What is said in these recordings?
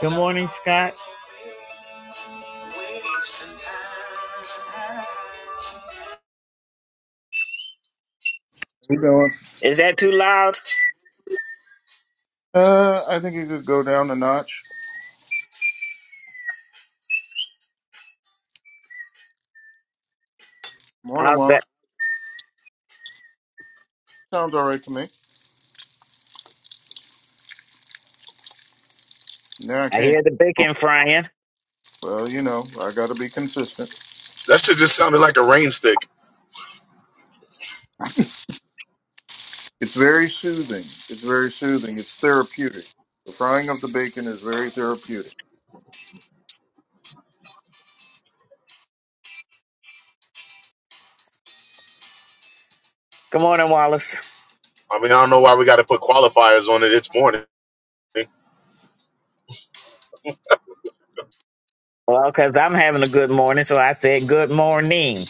Good morning, Scott. You doing? Is that too loud? Uh, I think you could go down a notch. Morning, How's Walla. Sounds all right to me. Now I I can't. hear the bacon frying. Well, you know, I got to be consistent. That shit just sounded like a rain stick. It's very soothing. It's very soothing. It's therapeutic. The frying of the bacon is very therapeutic. Good morning, Wallace. I mean, I don't know why we got to put qualifiers on it. It's morning. Well, because I'm having a good morning, so I said good morning.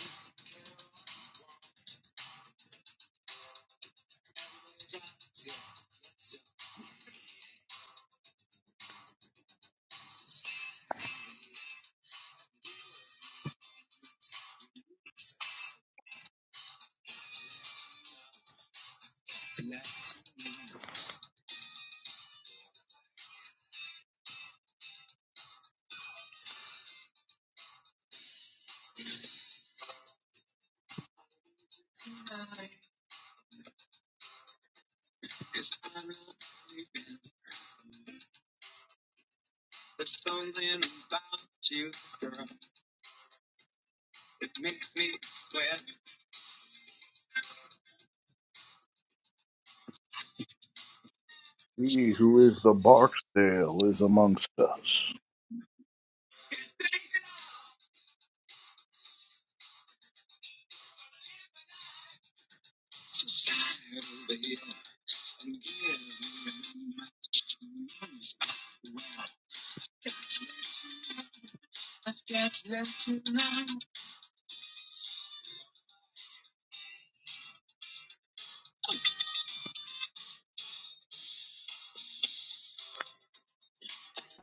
He who is the Barksdale is amongst us.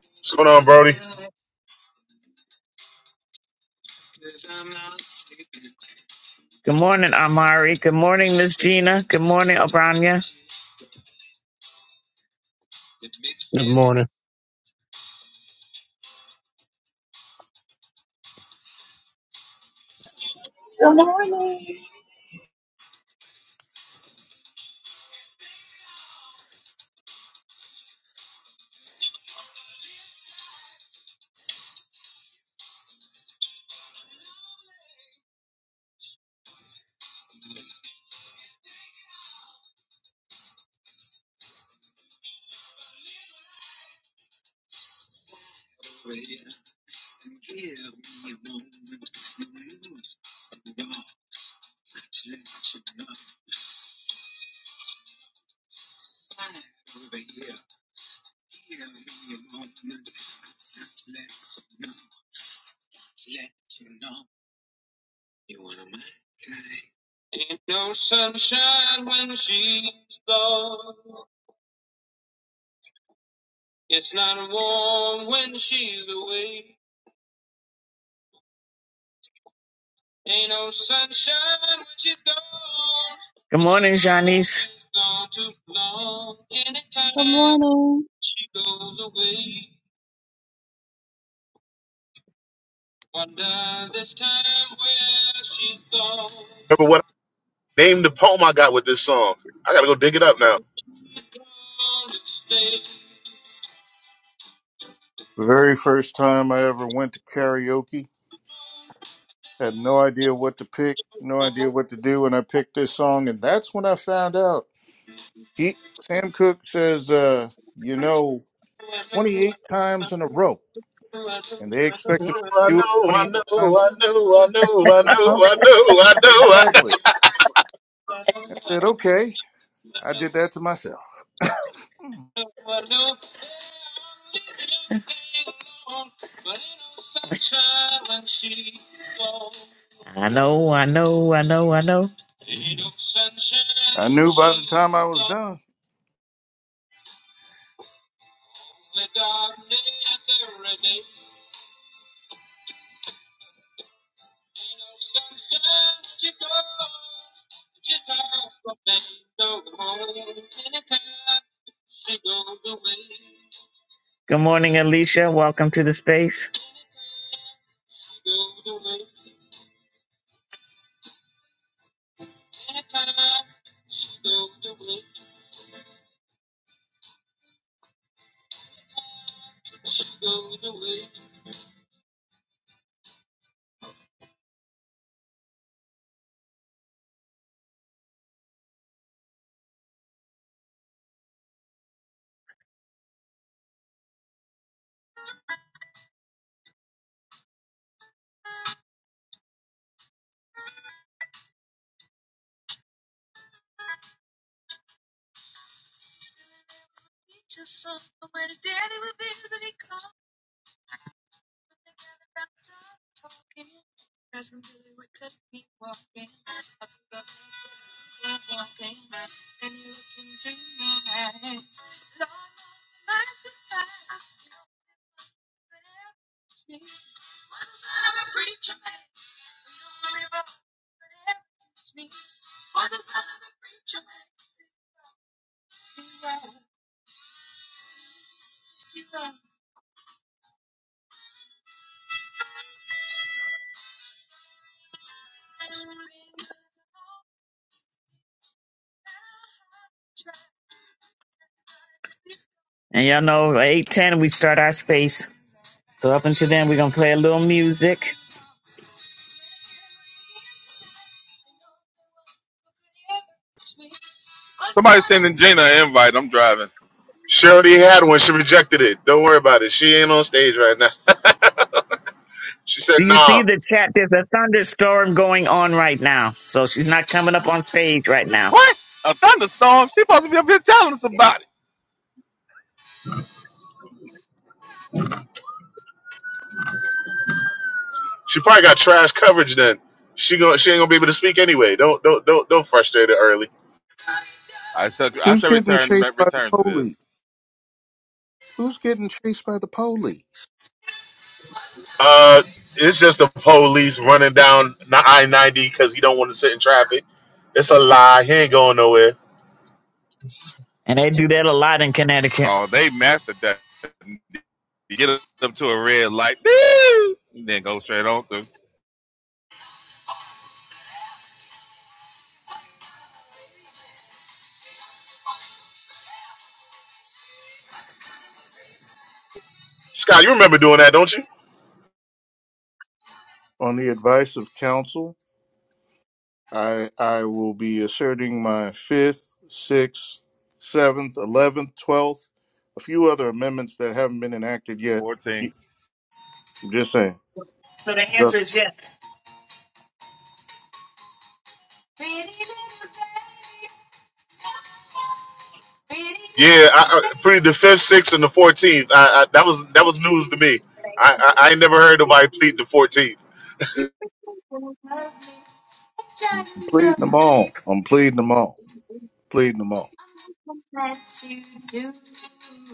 What's going on, Brody? Good morning, Amari. Good morning, Miss Gina. Good morning, O'Brien. Good morning. Good morning. Good morning, Janice. Good morning. Remember what I named the poem I got with this song? I got to go dig it up now. The very first time I ever went to karaoke, had no idea what to pick, no idea what to do, and I picked this song, and that's when I found out. He, Sam Cooke says, uh, you know, 28 times in a row, and they I know, expected I me to do know, it I 28 know, times. I know, I know, I know, Huh? I know, I know. Exactly. I said, okay. I did that to myself. I know, I know, I know, I know. I knew by the time I was done. Good morning, Alicia. Welcome to the space. And y'all know, at 810, we start our space. So up until then, we're going to play a little music. Somebody sending Gina an invite. I'm driving. She already had one. She rejected it. Don't worry about it. She ain't on stage right now. she said, Do you "Nah." see the chat? There's a thunderstorm going on right now. So she's not coming up on stage right now. What? A thunderstorm? She supposed to be up here telling us about it. She probably got trash coverage. Then she going she ain't gonna be able to speak anyway. Don't don't don't don't frustrate her early. I shall. I Who's shall getting return. chased by the Return to police? this. Who's getting chased by the police? Uh, it's just the police running down I ninety because he don't want to sit in traffic. It's a lie. He ain't going nowhere. And they do that a lot in Connecticut. Oh, they mastered that. You get up to a red light, ding, and then go straight on to Scott, you remember doing that, don't you? On the advice of counsel, I I will be asserting my fifth, sixth, seventh, eleventh, twelfth, a few other amendments that haven't been enacted yet. 14. I'm just saying. So the I'm answer is yes. Yeah, I, I plead the fifth, sixth, and the fourteenth. I, I, that was that was news to me. I, I I ain't never heard nobody plead the fourteenth. pleading them all. I'm pleading them all. Pleading them all.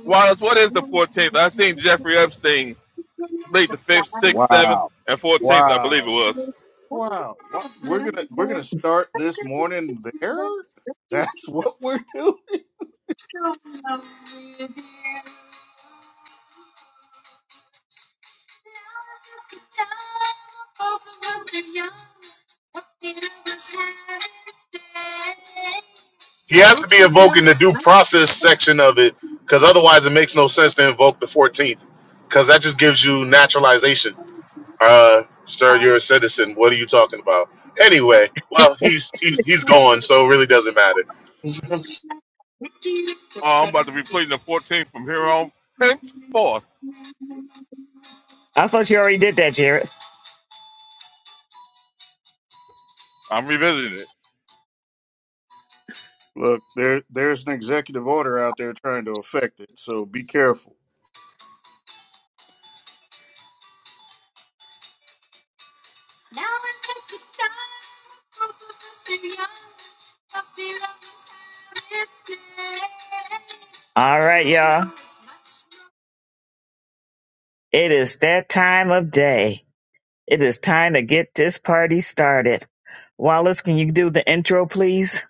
Wallace, what is the 14th? I seen Jeffrey Epstein complete the fifth, sixth, seventh, Wow. and 14th. I believe it Wow. was. Wow. What we're gonna we're gonna start this morning there? That's what we're doing. He has to be invoking the due process section of it because otherwise it makes no sense to invoke the fourteenth because that just gives you naturalization. Uh, sir, you're a citizen. What are you talking about? Anyway, well, he's he's he's gone, so it really doesn't matter. Oh, I'm about to be pleading the 14th from here on henceforth. I thought you already did that, Jared. I'm revisiting it. Look, there there's an executive order out there trying to affect it, so be careful. All right. It is that time of day. It is time to get this party started. Wallace, can you do the intro, please?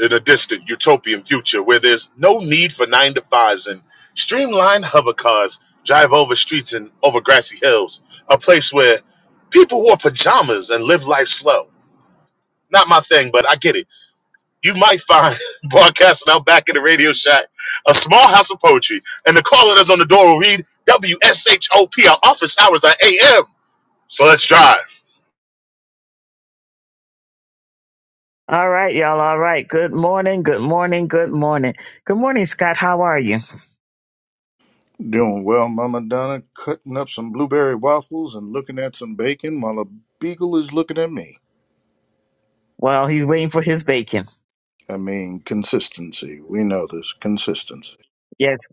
In a distant utopian future where there's no need for nine to fives and streamlined hover cars drive over streets and over grassy hills, a place where people wore pajamas and live life slow. Not my thing, but I get it. You might find broadcasting out back in the radio shack, a small house of poetry, and the caller that's on the door will read WSHOP. Our office hours are AM. So let's drive. All right, y'all. All right. Good morning. Good morning. Good morning. Good morning, Scott. How are you? Doing well, Mama Donna, cutting up some blueberry waffles and looking at some bacon while a beagle is looking at me. Well, he's waiting for his bacon. I mean, consistency. We know this. Consistency. Yes.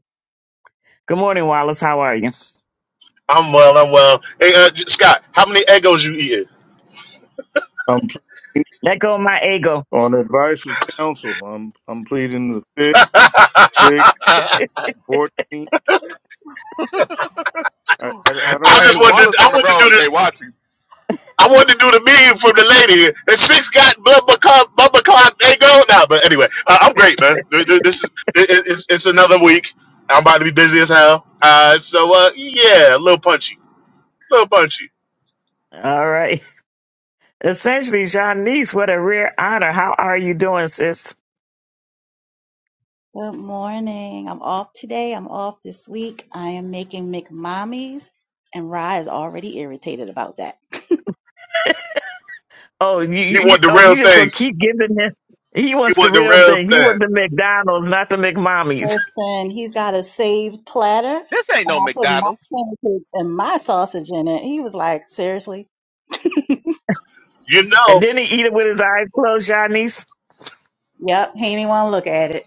Good morning, Wallace. How are you? I'm well. I'm well. Hey, uh, J- Scott, how many egos you eating? I'm pleading Let go of my ego. on advice of counsel. I'm I'm pleading the fifth, sixth, I fourteenth. I, I, I don't Hey, just wanted. To, Wallace I on the wanted to road do today this. watching. I wanted to do the meme for the lady. And six got bubba clock, bubba clock, ego. Nah, but anyway, uh, I'm great, man. Th- th- This is it, it- it's, it's another week. I'm about to be busy as hell. Uh, so uh, yeah, a little punchy, a little punchy. All right. Essentially, Janice, what a rare honor. How are you doing, sis? Good morning. I'm off today. I'm off this week. I am making McMommies, and Rye is already irritated about that. Oh, you, He you, you want the oh, real you just gonna thing. keep giving him. He He wants the want the real real thing. He thing. wants the McDonald's, not the McMommies. Listen, he's got a saved platter, This ain't and no I put my McDonald's. pancakes and my sausage in it. He was like, seriously? You know. And then he eat it with his eyes closed, Janice. Yep, he didn't want to look at it.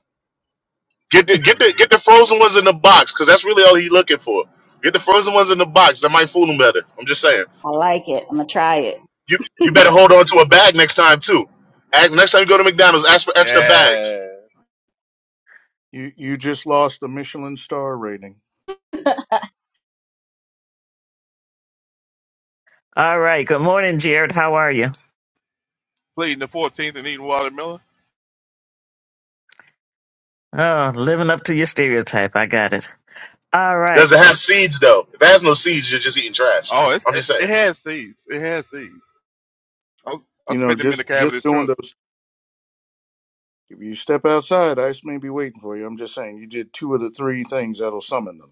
Get the get the get the frozen ones in the box because that's really all he's looking for. Get the frozen ones in the box. That might fool him better. I'm just saying. I like it. I'm going to try it. You you better hold on to a bag next time too. Ask, next time you go to McDonald's, ask for extra bags. Yeah. You you just lost a Michelin star rating. All right. Good morning, Jared. How are you? Pleading the 14th and eating watermelon. Oh, living up to your stereotype. I got it. All right. Does it have seeds though? If it has no seeds, you're just eating trash. Oh, it's, I'm it, just it saying. has seeds. It has seeds. I'll, I'll You know, spit them in the just cab of just this doing truck. those. If you step outside, ice may be waiting for you. I'm just saying, you did two of the three things that'll summon them.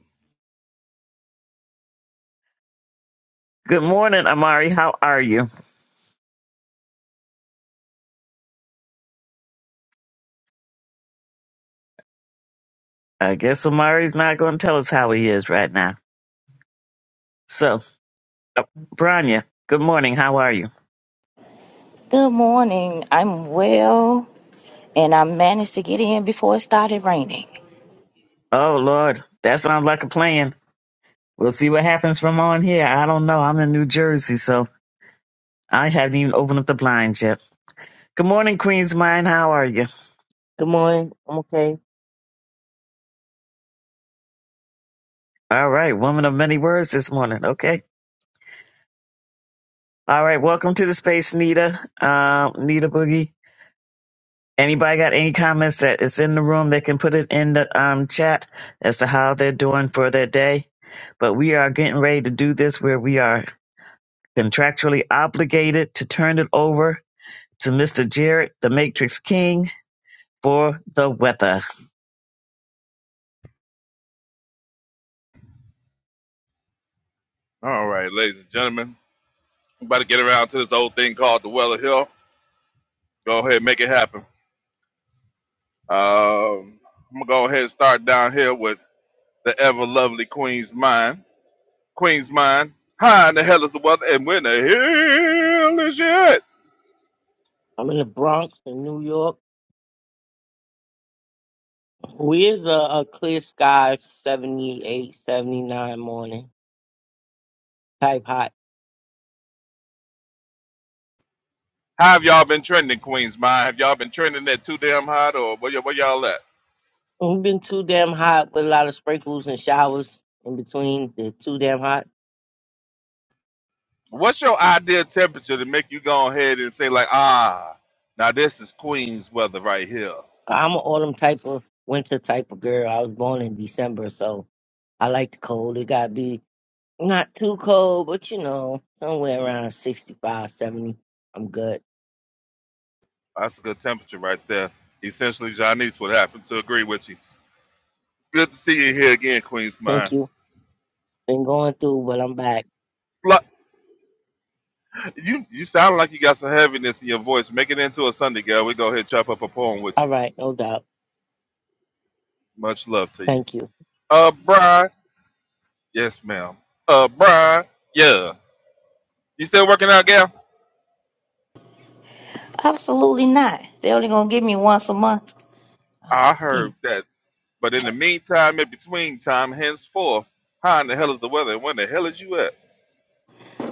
Good morning, Amari. How are you? I guess Amari's not gonna tell us how he is right now. So, uh, Branya, good morning. How are you? Good morning. I'm well, and I managed to get in before it started raining. Oh Lord, that sounds like a plan. We'll see what happens from on here. I don't know. I'm in New Jersey, so I haven't even opened up the blinds yet. Good morning, Queen's Mind. How are you? Good morning. I'm okay. All right, woman of many words this morning. Okay. All right, welcome to the space, Nita. Um, Nita Boogie. Anybody got any comments that is in the room? They can put it in the um chat as to how they're doing for their day. But we are getting ready to do this where we are contractually obligated to turn it over to Mr. Jared, the Matrix King, for the weather. All right, ladies and gentlemen. I'm about to get around to this old thing called the Weller Hill. Go ahead and make it happen. Um, I'm going to go ahead and start down here with the ever lovely Queen's Mind. Queen's Mind, how in the hell is the weather? And when the hell is it? I'm in the Bronx in New York. Where's a, a clear sky 78, 79 morning type hot? How have y'all been trending, Queen's Mind? Have y'all been trending that too damn hot or where, y- where y'all at? We've been too damn hot with a lot of sprinkles and showers in between. The too damn hot. What's your ideal temperature to make you go ahead and say like, ah, now this is Queens weather right here. I'm an autumn type of winter type of girl. I was born in December, so I like the cold. It gotta be not too cold, but you know, somewhere around sixty I'm good. That's a good temperature right there. Essentially, Janice would happen to agree with you. It's good to see you here again, Queens Thank Mind. you. Been going through, but I'm back. Slu- You you sound like you got some heaviness in your voice. Make it into a Sunday, girl. We go ahead and chop up a poem with All you. right, no doubt. Much love to you. Thank you. Uh, Brian. Yes, ma'am. Uh, Brian. Yeah. You still working out, gal? Absolutely not. They only gonna give me once a month. I Yeah. heard that. But in the meantime, in between time, henceforth, how in the hell is the weather? And when the hell is you at?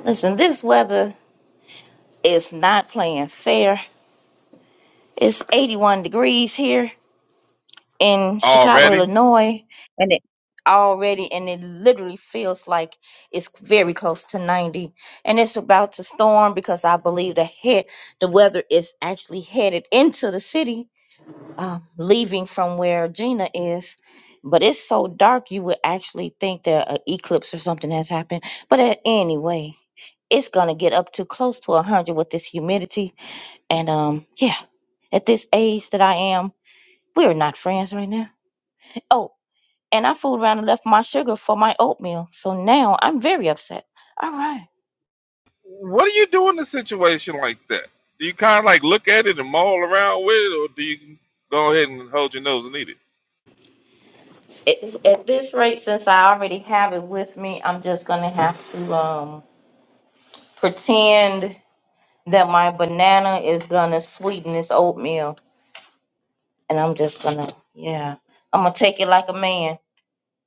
Listen, this weather is not playing fair. It's 81 degrees here in Chicago, Already? Illinois, and it already and it literally feels like it's very close to 90 and it's about to storm because I believe the head the weather is actually headed into the city um, leaving from where Gina is, but it's so dark you would actually think that an eclipse or something has happened. But a- anyway, it's gonna get up to close to a hundred with this humidity, and um, yeah, at this age that I am, we're not friends right now. Oh, and I fooled around and left my sugar for my oatmeal, so now I'm very upset. All right. What do you do in a situation like that? Do you kind of like look at it and maul around with it, or do you go ahead and hold your nose and eat it? At, at this rate, since I already have it with me, I'm just gonna have to um pretend that my banana is gonna sweeten this oatmeal, and I'm just gonna, yeah, I'm gonna take it like a man.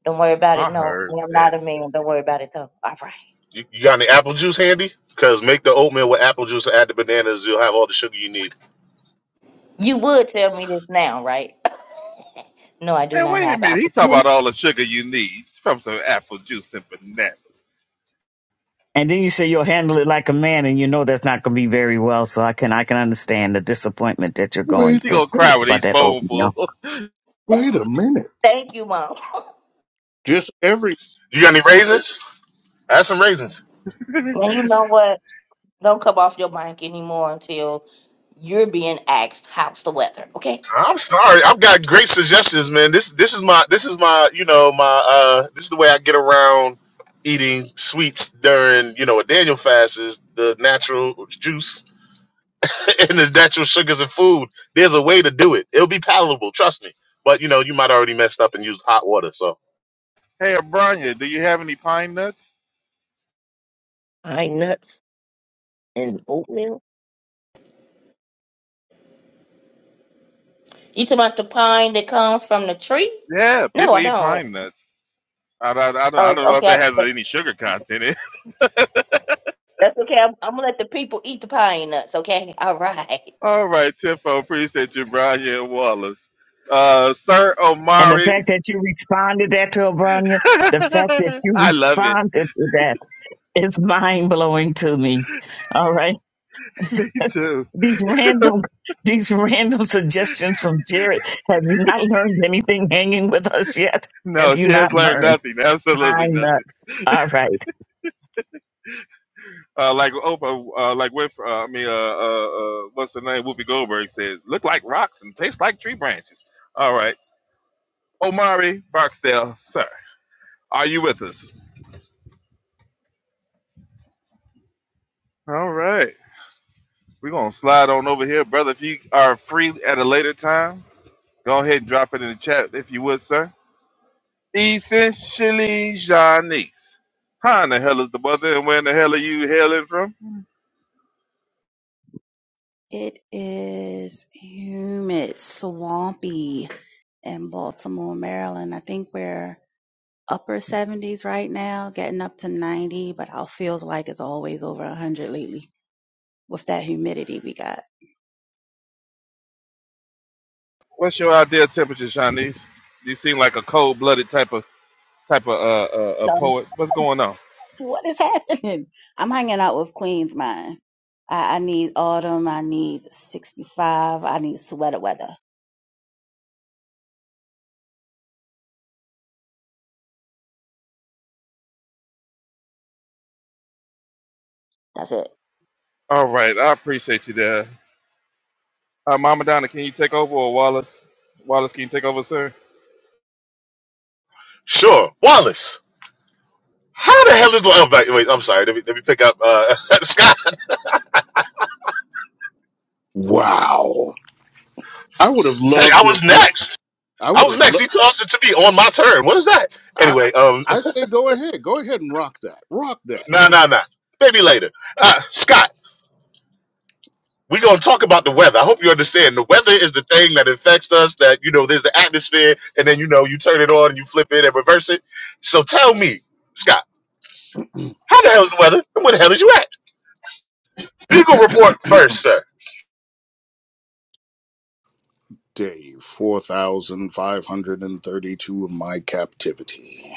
Don't worry about it. I No, heard I'm not that. a man. Don't worry about it though. All right, You, you got any apple juice handy? Cause make the oatmeal with apple juice and add the bananas. You'll have all the sugar you need. you would tell me this now, right? No, I do Hey, not wait a have minute. He apple talk about juice. all the sugar you need from some apple juice and bananas. And then you say you'll handle it like a man, and you know that's not going to be very well. So I can I can understand the disappointment that you're going Wait She through gonna a minute. cry with about each that spoonful. oatmeal, Wait a minute. Thank you, mom. Just every You got any raisins? Add some raisins. hey, And you know what? Don't come off your mic anymore until you're being asked how's the weather, okay? I'm sorry. I've got great suggestions, man. This this is my this is my you know my uh this is the way I get around eating sweets during you know a Daniel fast is the natural juice and the natural sugars and food. There's a way to do it. It'll be palatable, trust me. But you know you might already messed up and used hot water. So Abranya, do you have any pine nuts? I ain't nuts. and oatmeal. You talking about the pine that comes from the tree? Yeah, No, people I eat don't. pine nuts. I, I, I, don't, I don't Oh, know if it okay. has any sugar content That's okay. I'm, I'm gonna let the people eat the pine nuts. Okay. All right. All right, Tiffo, appreciate you, Brian Wallace. Uh, Sir and the Omari, fact that you responded that to O'Brien, the fact that you I love it. responded to that is mind blowing to me. All right, Me too. these random these random suggestions from Jerry. Have you not learned anything hanging with us yet? Have No, you she not has learned learned? nothing, absolutely I'm nothing. nuts. All right. Uh, like Oprah, uh, like with, uh, I mean, uh, uh, uh, what's her name? Whoopi Goldberg says, "Look like rocks and taste like tree branches." All right, Omari Barksdale, sir, are you with us? All right, we're gonna slide on over here, brother. If you are free at a later time, go ahead and drop it in the chat if you would, sir. Essentially Shanice. How in the hell is the weather and where in the hell are you hailing from? It is humid, swampy in Baltimore, Maryland. I think we're upper 70s right now, getting up to 90, but I feels like it's always over 100 lately with that humidity we got. What's your ideal temperature, Shanice? You seem like a cold blooded type of type of uh, uh, uh poet. What's going on? What is happening? I'm hanging out with Queen's Mind. I, I need autumn. I need 65. I need sweater weather. That's it. All right, I appreciate you there. Uh, Mama Donna, can you take over or Wallace? Wallace, can you take over, sir? sure, Wallace. How the hell is oh, wait, wait, I'm sorry. Let me let me pick up uh Scott. wow. I would have Hey, loved I to. have was next. I I would was have. next. Lo- He tossed it to me on my turn. What is that? I, Anyway, um. I I say go ahead. Go ahead and rock that. Rock that. No, no, no. Maybe later. Uh, Scott, we're going to talk about the weather. I hope you understand. The weather is the thing that affects us, that, you know, there's the atmosphere, and then, you know, you turn it on and you flip it and reverse it. So tell me, Scott, how the hell is the weather and where the hell is you at? Beagle report first, sir. Day four thousand five hundred and thirty-two of my captivity.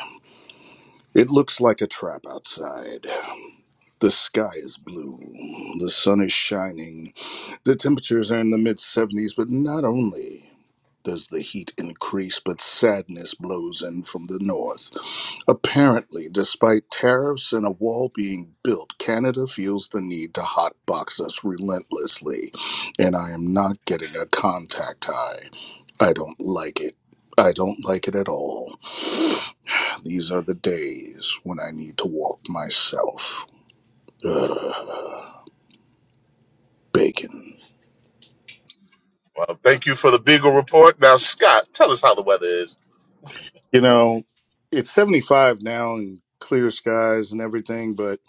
It looks like a trap outside. The sky is blue. The sun is shining. The temperatures are in the mid 70s, but not only does the heat increase, but sadness blows in from the north. Apparently, despite tariffs and a wall being built, Canada feels the need to hotbox us relentlessly, and I am not getting a contact high. I don't like it. I don't like it at all. These are the days when I need to walk myself. Ugh, bacon. Well, thank you for the Beagle report. Now, Scott, tell us how the weather is. You know, it's 75 now and clear skies and everything, but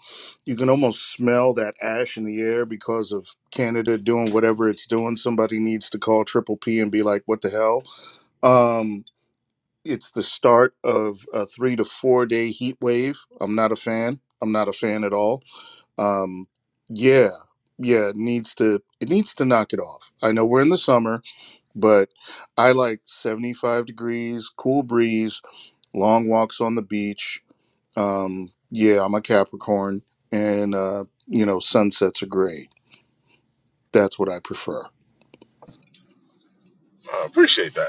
you can almost smell that ash in the air because of Canada doing whatever it's doing. Somebody needs to call Triple P and be like, what the hell? Um, it's the start of a three to four day heat wave. I'm not a fan. I'm not a fan at all. Um, yeah, yeah, it needs to it needs to knock it off. I know we're in the summer but I like 75 degrees, cool breeze, long walks on the beach. Um, yeah, I'm a Capricorn, and uh, you know, sunsets are great. That's what I prefer. I appreciate that.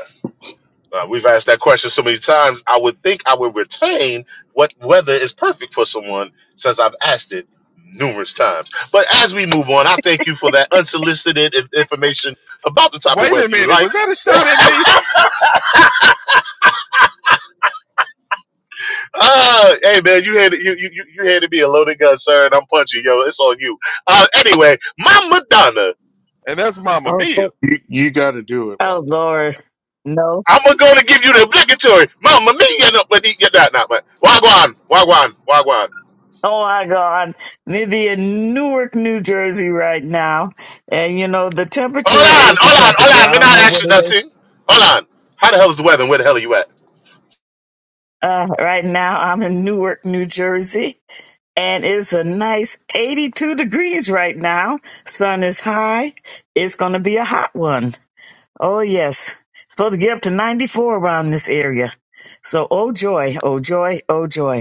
Uh, we've asked that question so many times. I would think I would retain what weather is perfect for someone since I've asked it numerous times. But as we move on, I thank you for that unsolicited in- information about the type of Wait a weather you minute, like. was that a shot at me? Uh, hey man, you had you you you you handed me a loaded gun, sir, and I'm punching yo. It's on you. Uh, anyway, Mama Donna, And that's Mama Oh, Mia. thank, You, you got to do it, oh Wallace. Lord. No. I'm gonna go to give you the obligatory Mama Mia. No, but the- yeah, nah, nah, but Wagwan, Wagwan, Wagwan. Oh my God. Maybe in Newark, New Jersey right now. And you know, the Hold temperature on, is the hold on, temperature. hold on. I We're don't not know what actually it is. nothing. Hold on. How the hell is the weather? and Where the hell are you at? Uh, right now I'm in Newark, New Jersey and it's a nice 82 degrees right now. Sun is high. It's going to be a hot one. Oh yes. Supposed to get up to 94 around this area. So, oh joy, oh joy, oh joy.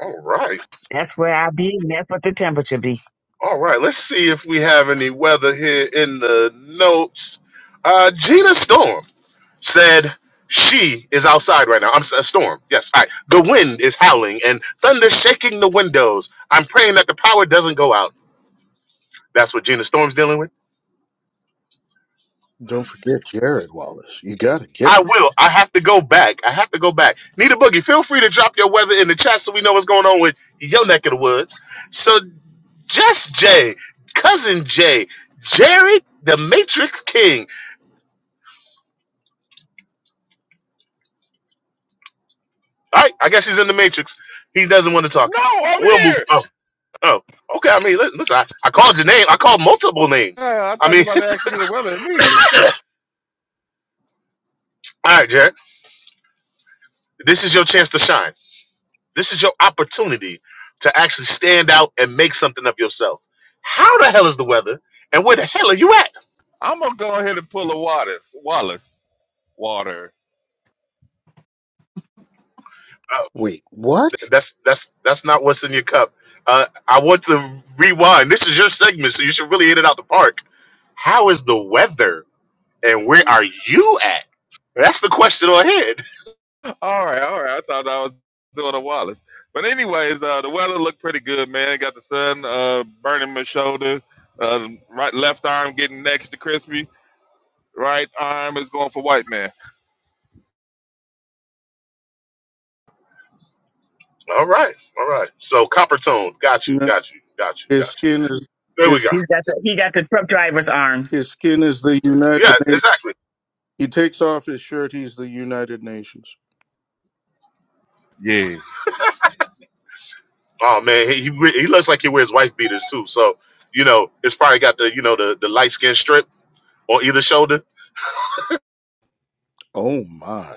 All right, That's where I be. and That's what the temperature be. all right. Let's see if we have any weather here in the notes. Uh, Gina Storm said she is outside right now. I'm s- a storm. Yes. All right. The wind is howling and thunder shaking the windows. I'm praying that the power doesn't go out. That's what Gina Storm's dealing with. Don't forget Jared Wallace. You got to get I the. will. I have to go back. I have to go back. Need a boogie. Feel free to drop your weather in the chat so we know what's going on with your neck of the woods. So Just Jay, cousin Jay, Jerry, the Matrix King. All right, I guess he's in the Matrix. He doesn't want to talk. No, I'm We'll move. here. Oh, oh, okay. I mean, li- listen, I, I called your name. I called multiple names. Uh, I I thought you mean, were about to ask me the weather immediately. all right, Jerry, this is your chance to shine. This is your opportunity to actually stand out and make something of yourself. How the hell is the weather? And where the hell are you at? I'm gonna go ahead and pull a Wallace. Wallace. Water. Oh, Wait, what? th- that's that's that's not what's in your cup. Uh, I want to rewind. This is your segment, so you should really hit it out the park. How is the weather? And where are you at? That's the question on head. All right, all right. I thought I was doing a Wallace, but anyways, uh, the weather looked pretty good, man. Got the sun uh, burning my shoulder, uh, right left arm getting next to crispy, right arm is going for white man. All right. All right. So copper tone. Got you. No. Got you. Got you. His Got you. skin is There we go. his He's got the he got the truck driver's arm. his skin is the Yeah, United Nations. exactly. He takes off his shirt. He's the United Nations. Yes, Oh man, he he, re- he looks like he wears wife beaters too. So, you know, it's probably got the you know the, the light skin strip on either shoulder. Oh my!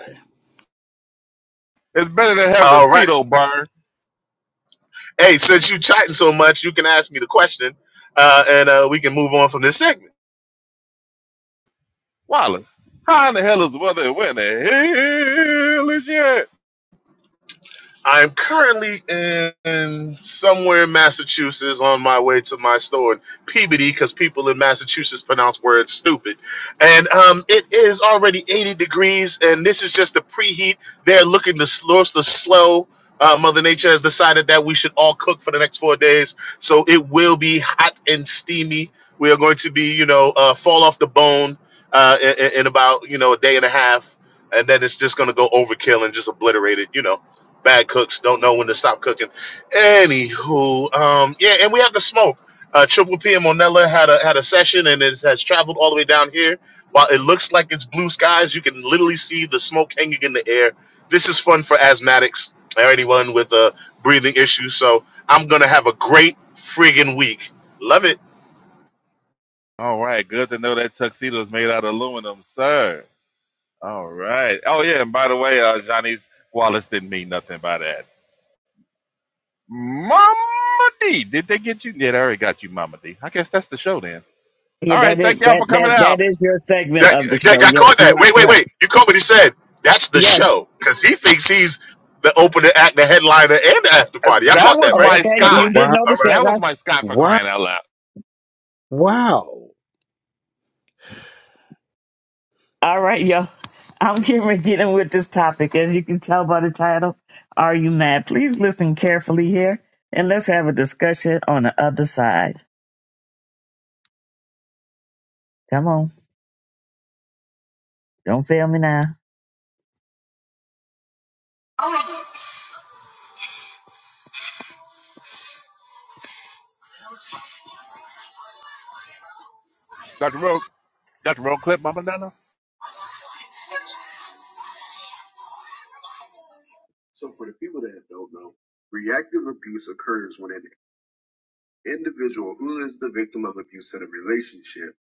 it's better than having a All right. speedo burn, Hey, since you chatting so much, you can ask me the question. Uh, and uh, we can move on from this segment. Wallace. How in the hell is the weather? Where in the hell is it? I'm currently in somewhere in Massachusetts on my way to my store in Peabody because people in Massachusetts pronounce words stupid. And um, it is already 80 degrees, and this is just the preheat. They're looking to slow, to slow. Uh, Mother Nature has decided that we should all cook for the next four days, so it will be hot and steamy. We are going to be, you know, uh, fall off the bone uh, in, in in about, you know, a day and a half, and then it's just going to go overkill and just obliterate it, you know bad cooks don't know when to stop cooking. Anywho, um, yeah, and we have the smoke. Uh, Triple P and Monella had a had a session, and it has traveled all the way down here. While it looks like it's blue skies, you can literally see the smoke hanging in the air. This is fun for asthmatics or anyone with a breathing issue. So I'm gonna have a great friggin' week. Love it. All right, good to know that tuxedo is made out of aluminum, sir. All right. Oh yeah, and by the way, uh, Johnny's Wallace didn't mean nothing by that. Mama D. Did they get you? Yeah, they already got you, Mama D. I guess that's the show then. Yeah, All right, that thank is y'all that for coming that out. that is your segment That, of the that, show. I Yes, caught you that. are Wait, wait, correct. wait. You caught what he said. That's the Yes. show because he thinks he's the opener act, the headliner, and the after party. And Y'all That caught that, was right? Oh, my okay. Y'all You Scott. caught did that. All notice right. that, That was right? my Scott for Wow! crying out loud. Wow! All right, yo. I'm getting to get in with this topic. As you can tell by the title, Are You Mad? Please listen carefully here and let's have a discussion on the other side. Come on. Don't fail me now. Dr. Roll, Dr. Roll Clip, Mama Donna? individual who is the victim of abuse in a relationship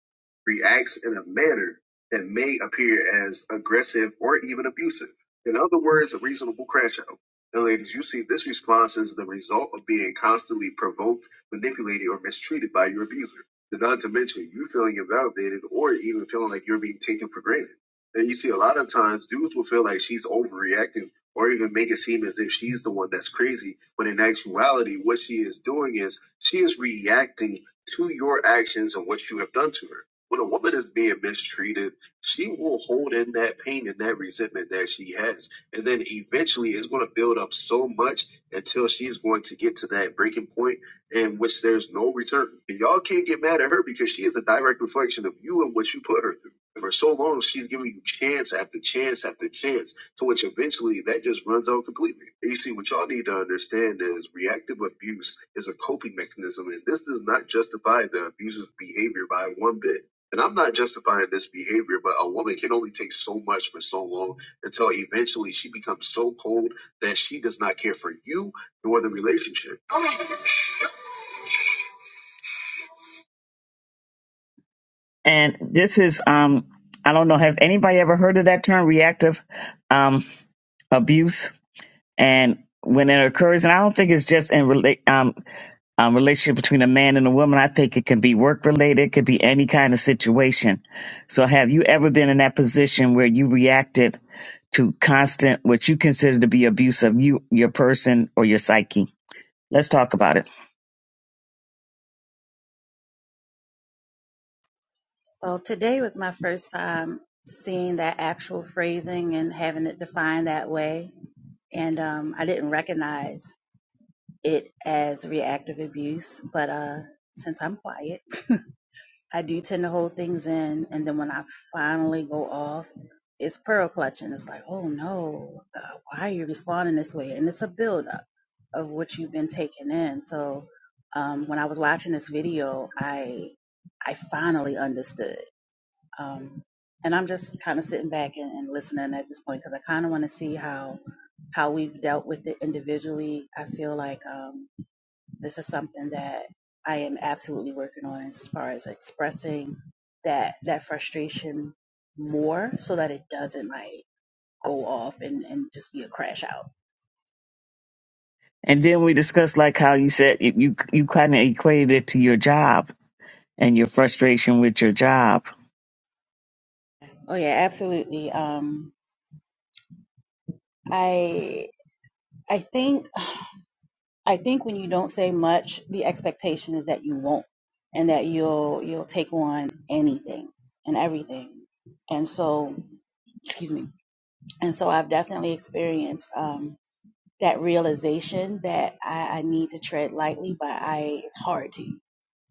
reacts in a manner that may appear as aggressive or even abusive. In other words, a reasonable crash out. And ladies, you see this response is the result of being constantly provoked, manipulated, or mistreated by your abuser. And Not to mention you feeling invalidated or even feeling like you're being taken for granted. And you see a lot of times dudes will feel like she's overreacting or even make it seem as if she's the one that's crazy, when in actuality what she is doing is she is reacting to your actions and what you have done to her. When a woman is being mistreated, she will hold in that pain and that resentment that she has. And then eventually it's going to build up so much until she is going to get to that breaking point in which there's no return. And y'all can't get mad at her because she is a direct reflection of you and what you put her through. And For so long, she's giving you chance after chance after chance to which eventually that just runs out completely. And you see, what y'all need to understand is reactive abuse is a coping mechanism, and this does not justify the abuser's behavior by one bit. And I'm not justifying this behavior, but a woman can only take so much for so long until eventually she becomes so cold that she does not care for you nor the relationship. And this is, um, I don't know, has anybody ever heard of that term, reactive um, abuse? And when it occurs, and I don't think it's just in relate. um, relationship between a man and a woman. I think it can be work related, it could be any kind of situation. So, have you ever been in that position where you reacted to constant, what you consider to be abuse of you, your person, or your psyche? Let's talk about it. Well, today was my first time seeing that actual phrasing and having it defined that way. And um, I didn't recognize it as reactive abuse, but uh, since I'm quiet, I do tend to hold things in, and then when I finally go off, it's pearl clutching. It's like, oh no, uh, why are you responding this way? And it's a buildup of what you've been taking in. So um, when I was watching this video, I I finally understood, um, and I'm just kind of sitting back and, and listening at this point because I kind of want to see how how we've dealt with it individually. I feel like. Um, this is something that I am absolutely working on as far as expressing that that frustration more so that it doesn't like go off and, and just be a crash out. And then we discussed like how you said you you, you kind of equated it to your job and your frustration with your job. Oh yeah, absolutely. Um I I think I think when you don't say much, the expectation is that you won't and that you'll you'll take on anything and everything. And so, excuse me. And so I've definitely experienced um, that realization that I, I need to tread lightly, but I it's hard to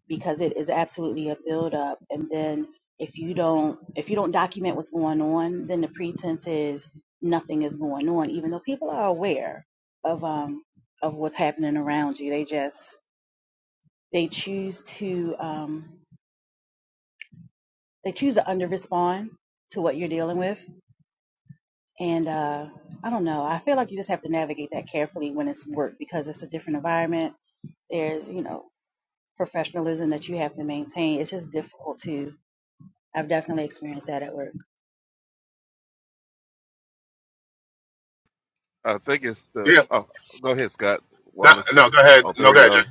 because it is absolutely a buildup. And then if you don't if you don't document what's going on, then the pretense is nothing is going on, even though people are aware of um, of what's happening around you. They just they choose to um, they choose to under respond to what you're dealing with, and uh, I don't know. I feel like you just have to navigate that carefully when it's work because it's a different environment. There's you know professionalism that you have to maintain. It's just difficult to. I've definitely experienced that at work. I think it's the. Yeah. Oh, go ahead, Scott No, Wallace. no. Go ahead. All No, three go of ahead, Jay. y'all.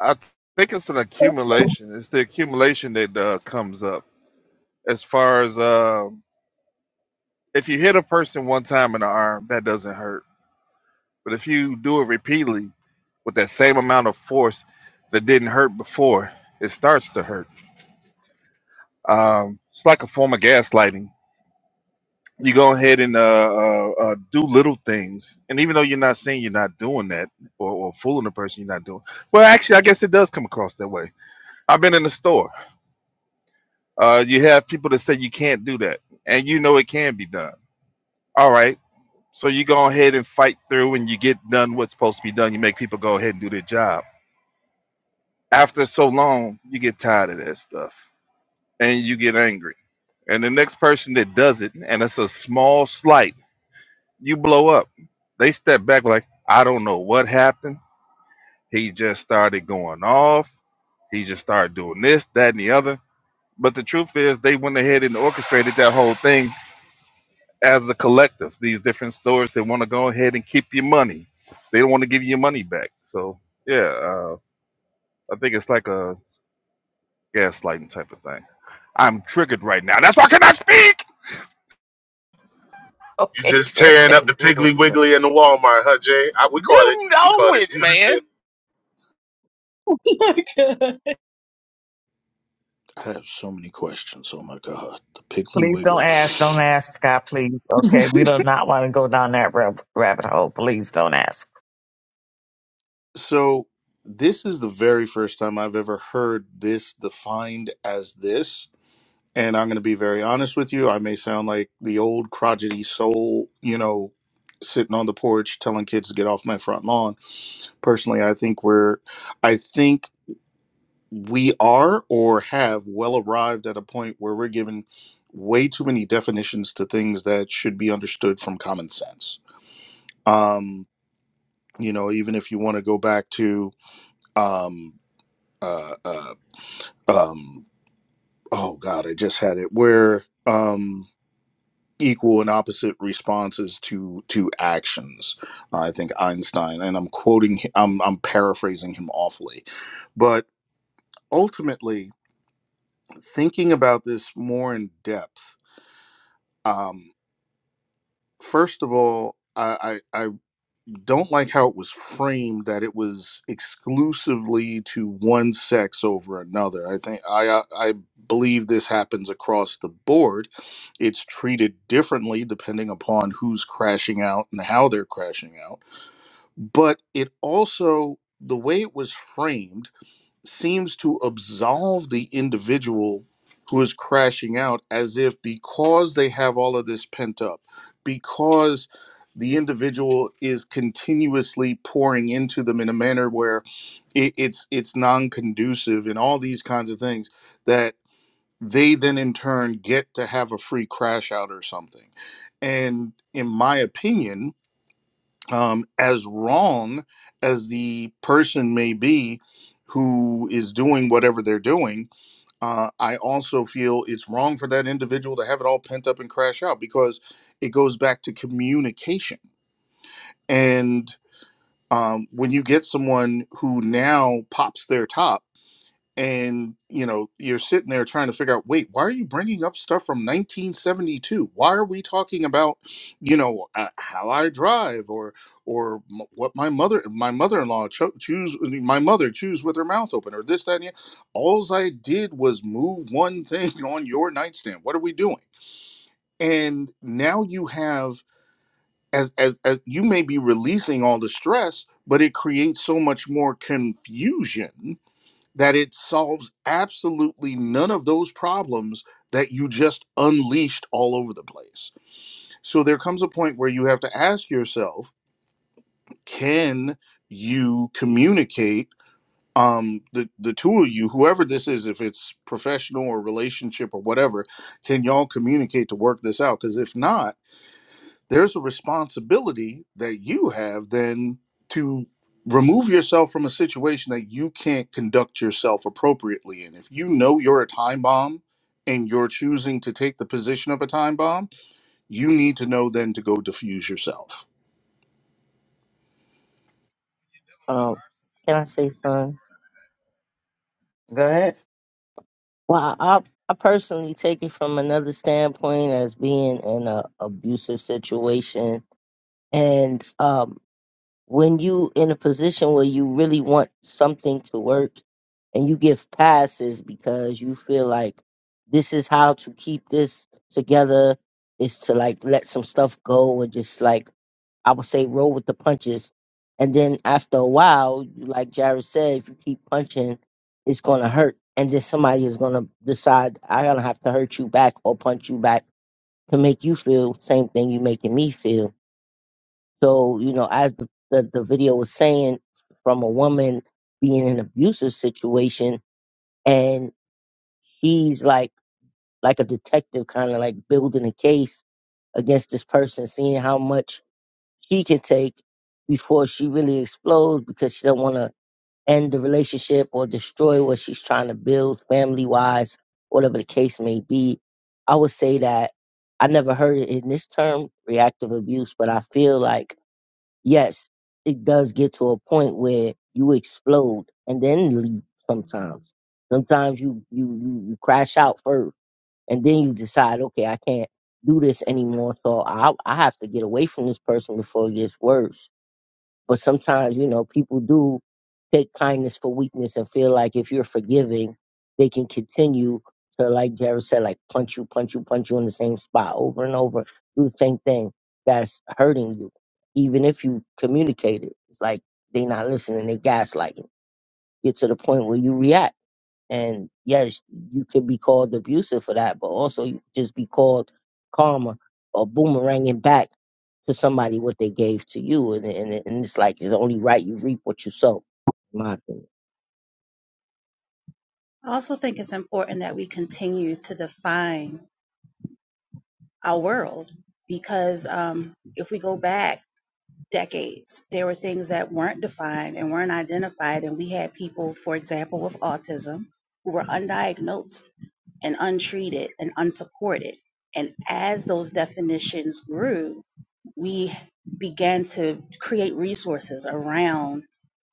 I think it's an accumulation. It's the accumulation that uh, comes up as far as um if you hit a person one time in the arm, that doesn't hurt But if you do it repeatedly with that same amount of force that didn't hurt before, it starts to hurt. Um, it's like a form of gaslighting. You go ahead and uh, uh, uh, do little things, and even though you're not saying you're not doing that or, or fooling the person, you're not doing. Well, actually, I guess it does come across that way. I've been in the store. Uh, you have people that say you can't do that, and you know it can be done. All right, so you go ahead and fight through, and you get done what's supposed to be done. You make people go ahead and do their job after so long, you get tired of that stuff and you get angry. And the next person that does it, and it's a small slight, you blow up. They step back like, I don't know what happened. He just started going off. He just started doing this, that, and the other. But the truth is, they went ahead and orchestrated that whole thing as a collective. These different stores they want to go ahead and keep your money, they don't want to give you your money back. So, yeah, uh, I think it's like a gaslighting type of thing. I'm triggered right now. That's why I cannot speak. You just Okay, tearing up the Wow! Piggly Wiggly and the Walmart, huh, Jay? I, we caught it. You We know caught it. it, You man. understood. I I have so many questions. Oh my god, the Piggly Please don't Wiggly. ask. Don't ask, Scott, please. Okay. We do not want to go down that rab- rabbit hole. Please don't ask. So this is the very first time I've ever heard this defined as this. And I'm going to be very honest with you. I may sound like the old crotchety soul, you know, sitting on the porch telling kids to get off my front lawn. Personally, I think we're, I think we are or have well arrived at a point where we're given way too many definitions to things that should be understood from common sense um you know even if you want to go back to um uh, uh um oh god i just had it where um equal and opposite responses to to actions i think einstein and i'm quoting hi- i'm i'm paraphrasing him awfully but ultimately thinking about this more in depth um first of all i i, I don't like how it was framed that it was exclusively to one sex over another. I think I uh, I believe this happens across the board. It's treated differently depending upon who's crashing out and how they're crashing out. But it also the way it was framed seems to absolve the individual who is crashing out as if because they have all of this pent up, because the individual is continuously pouring into them in a manner where it, it's it's non-conducive and all these kinds of things that they then in turn get to have a free crash out or something. And in my opinion, um, as wrong as the person may be who is doing whatever they're doing, uh, I also feel it's wrong for that individual to have it all pent up and crash out because it goes back to communication. And um, when you get someone who now pops their top, and you know you're sitting there trying to figure out wait why are you bringing up stuff from 1972 why are we talking about you know uh, how i drive or or m- what my mother my mother-in-law cho- choose my mother choose with her mouth open or this that and the all i did was move one thing on your nightstand what are we doing and now you have as, as, as you may be releasing all the stress but it creates so much more confusion that it solves absolutely none of those problems that you just unleashed all over the place. So there comes a point where you have to ask yourself, can you communicate um the the two of you whoever this is if it's professional or relationship or whatever can y'all communicate to work this out because if not there's a responsibility that you have then to remove yourself from a situation that you can't conduct yourself appropriately in. If you know you're a time bomb and you're choosing to take the position of a time bomb, you need to know then to go diffuse yourself. Um, can I say something? Go ahead. Well, I, I personally take it from another standpoint as being in a abusive situation, and um, when you in a position where you really want something to work, and you give passes because you feel like this is how to keep this together is to like let some stuff go and just like I would say roll with the punches. And then after a while, like Jared said, if you keep punching, it's gonna hurt. And then somebody is gonna decide I gonna have to hurt you back or punch you back to make you feel the same thing you making me feel. So, you know, as the, the, the video was saying from a woman being in an abusive situation and she's like like a detective kinda like building a case against this person, seeing how much she can take before she really explodes because she don't want to end the relationship or destroy what she's trying to build family wise whatever the case may be i would say that i never heard it in this term reactive abuse but i feel like yes it does get to a point where you explode and then leave sometimes sometimes you you you, you crash out first and then you decide okay i can't do this anymore so i i have to get away from this person before it gets worse but sometimes, you know, people do take kindness for weakness and feel like if you're forgiving, they can continue to, like Jared said, like punch you, punch you, punch you in the same spot over and over, do the same thing. That's hurting you. Even if you communicate it, it's like they not listening, they gaslighting. Get to the point where you react. And yes, you could be called abusive for that, but also you could just be called karma or boomeranging back to somebody what they gave to you. And, and, and it's like it's only right you reap what you sow, in my opinion. also think it's important that we continue to define our world because um, if we go back decades. There were things that weren't defined and weren't identified. And we had people, for example, with autism who were undiagnosed and untreated and unsupported. And as those definitions grew, we began to create resources around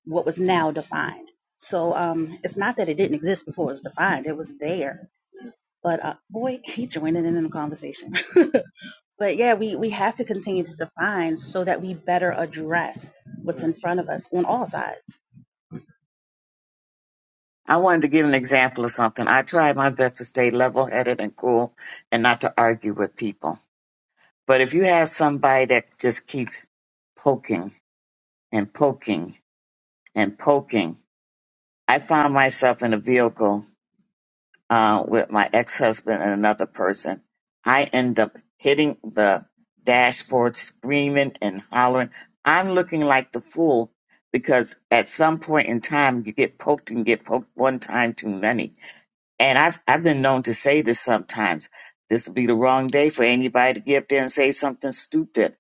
what was now defined. So um, it's not that it didn't exist before it was defined, it was there. But uh, boy, he joining in in the conversation. But yeah, we, we have to continue to define so that we better address what's in front of us on all sides. I wanted to give an example of something. I try my best to stay level headed and cool and not to argue with people. But if you have somebody that just keeps poking and poking and poking, I found myself in a vehicle uh, with my ex-husband and another person. I end up hitting the dashboard, screaming and hollering. I'm looking like the fool because at some point in time you get poked and get poked one time too many. And I've I've been known to say this sometimes. This would be the wrong day for anybody to get up there and say something stupid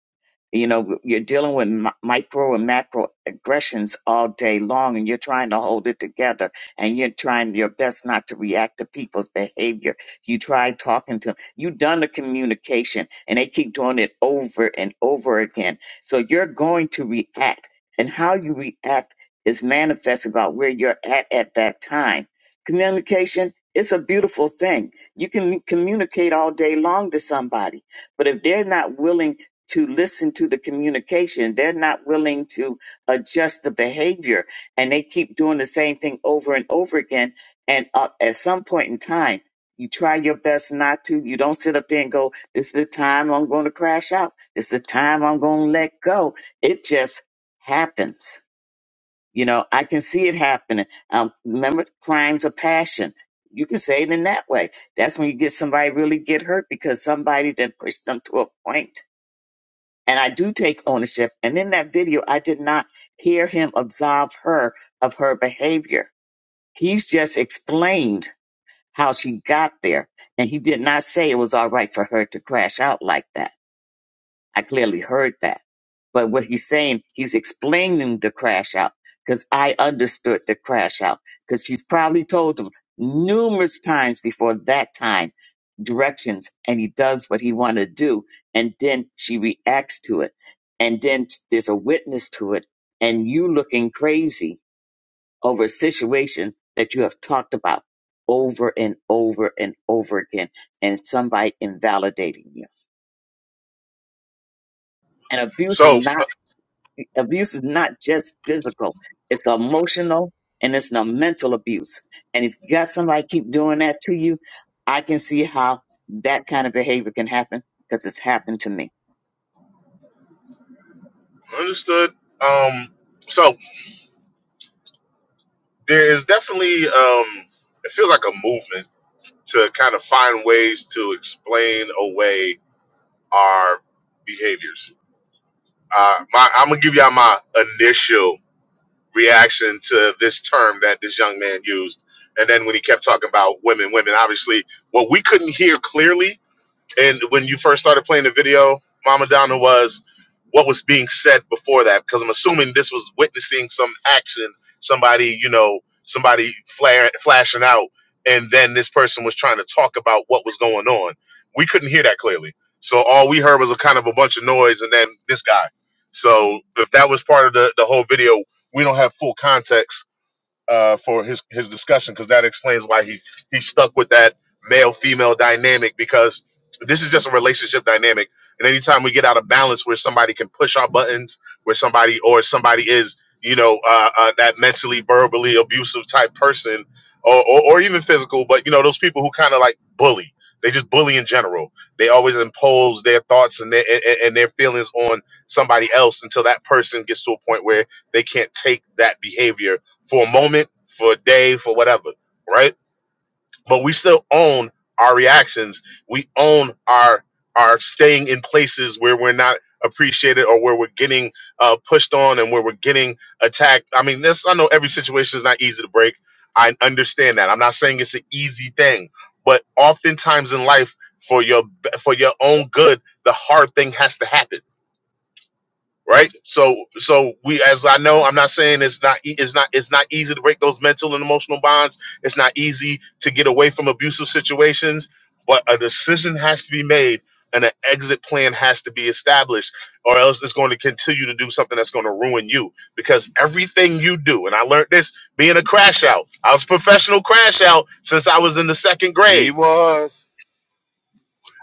you know, you're dealing with mi- micro and macro aggressions all day long, and you're trying to hold it together, and you're trying your best not to react to people's behavior. You try talking to them. You've done the communication, and they keep doing it over and over again. So you're going to react, and how you react is manifest about where you're at at that time. Communication, it's a beautiful thing. You can communicate all day long to somebody, but if they're not willing to listen to the communication. They're not willing to adjust the behavior and they keep doing the same thing over and over again. And uh, at some point in time, you try your best not to. You don't sit up there and go, this is the time I'm going to crash out. This is the time I'm going to let go. It just happens. You know, I can see it happening. Um, remember crimes of passion. You can say it in that way. That's when you get somebody really get hurt because somebody then pushed them to a point and I do take ownership. And in that video, I did not hear him absolve her of her behavior. He's just explained how she got there, and he did not say it was all right for her to crash out like that. I clearly heard that. But what he's saying, he's explaining the crash out because I understood the crash out because she's probably told him numerous times before that time directions and he does what he want to do. And then she reacts to it. And then there's a witness to it and you looking crazy over a situation that you have talked about over and over and over again and somebody invalidating you. And abuse is So not Abuse is not just physical, it's emotional and it's a mental abuse. And if you got somebody keep doing that to you, I can see how that kind of behavior can happen because it's happened to me. understood. Um. So there is definitely um. It feels like a movement to kind of find ways to explain away our behaviors Uh, my, I'm gonna give y'all my initial reaction to this term that this young man used, and then when he kept talking about women, women. Obviously, what we couldn't hear clearly and when you first started playing the video, Mama Donna was what was being said before that? Because I'm assuming this was witnessing some action, somebody, you know, somebody flare, flashing out, and then this person was trying to talk about what was going on. We couldn't hear that clearly. So all we heard was a kind of a bunch of noise and then this guy. So if that was part of the, the whole video, we don't have full context uh, for his his discussion because that explains why he he stuck with that male female dynamic because this is just a relationship dynamic. And anytime we get out of balance, where somebody can push our buttons, where somebody or somebody is you know uh, uh, that mentally verbally abusive type person, or, or or even physical, but you know those people who kind of like bully. They just bully in general. They always impose their thoughts and their and, and their feelings on somebody else until that person gets to a point where they can't take that behavior for a moment, for a day, for whatever, right? But we still own our reactions. We own our our staying in places where we're not appreciated or where we're getting uh, pushed on and where we're getting attacked. I mean, this I know every situation is not easy to break. I understand that. I'm not saying it's an easy thing, but oftentimes in life, for your for your own good, the hard thing has to happen right? So, so we, as I know, I'm not saying it's not, e- it's not, it's not easy to break those mental and emotional bonds. It's not easy to get away from abusive situations, but a decision has to be made and an exit plan has to be established or else it's going to continue to do something that's going to ruin you because everything you do and i learned this being a crash out i was a professional crash out since i was in the second He grade was.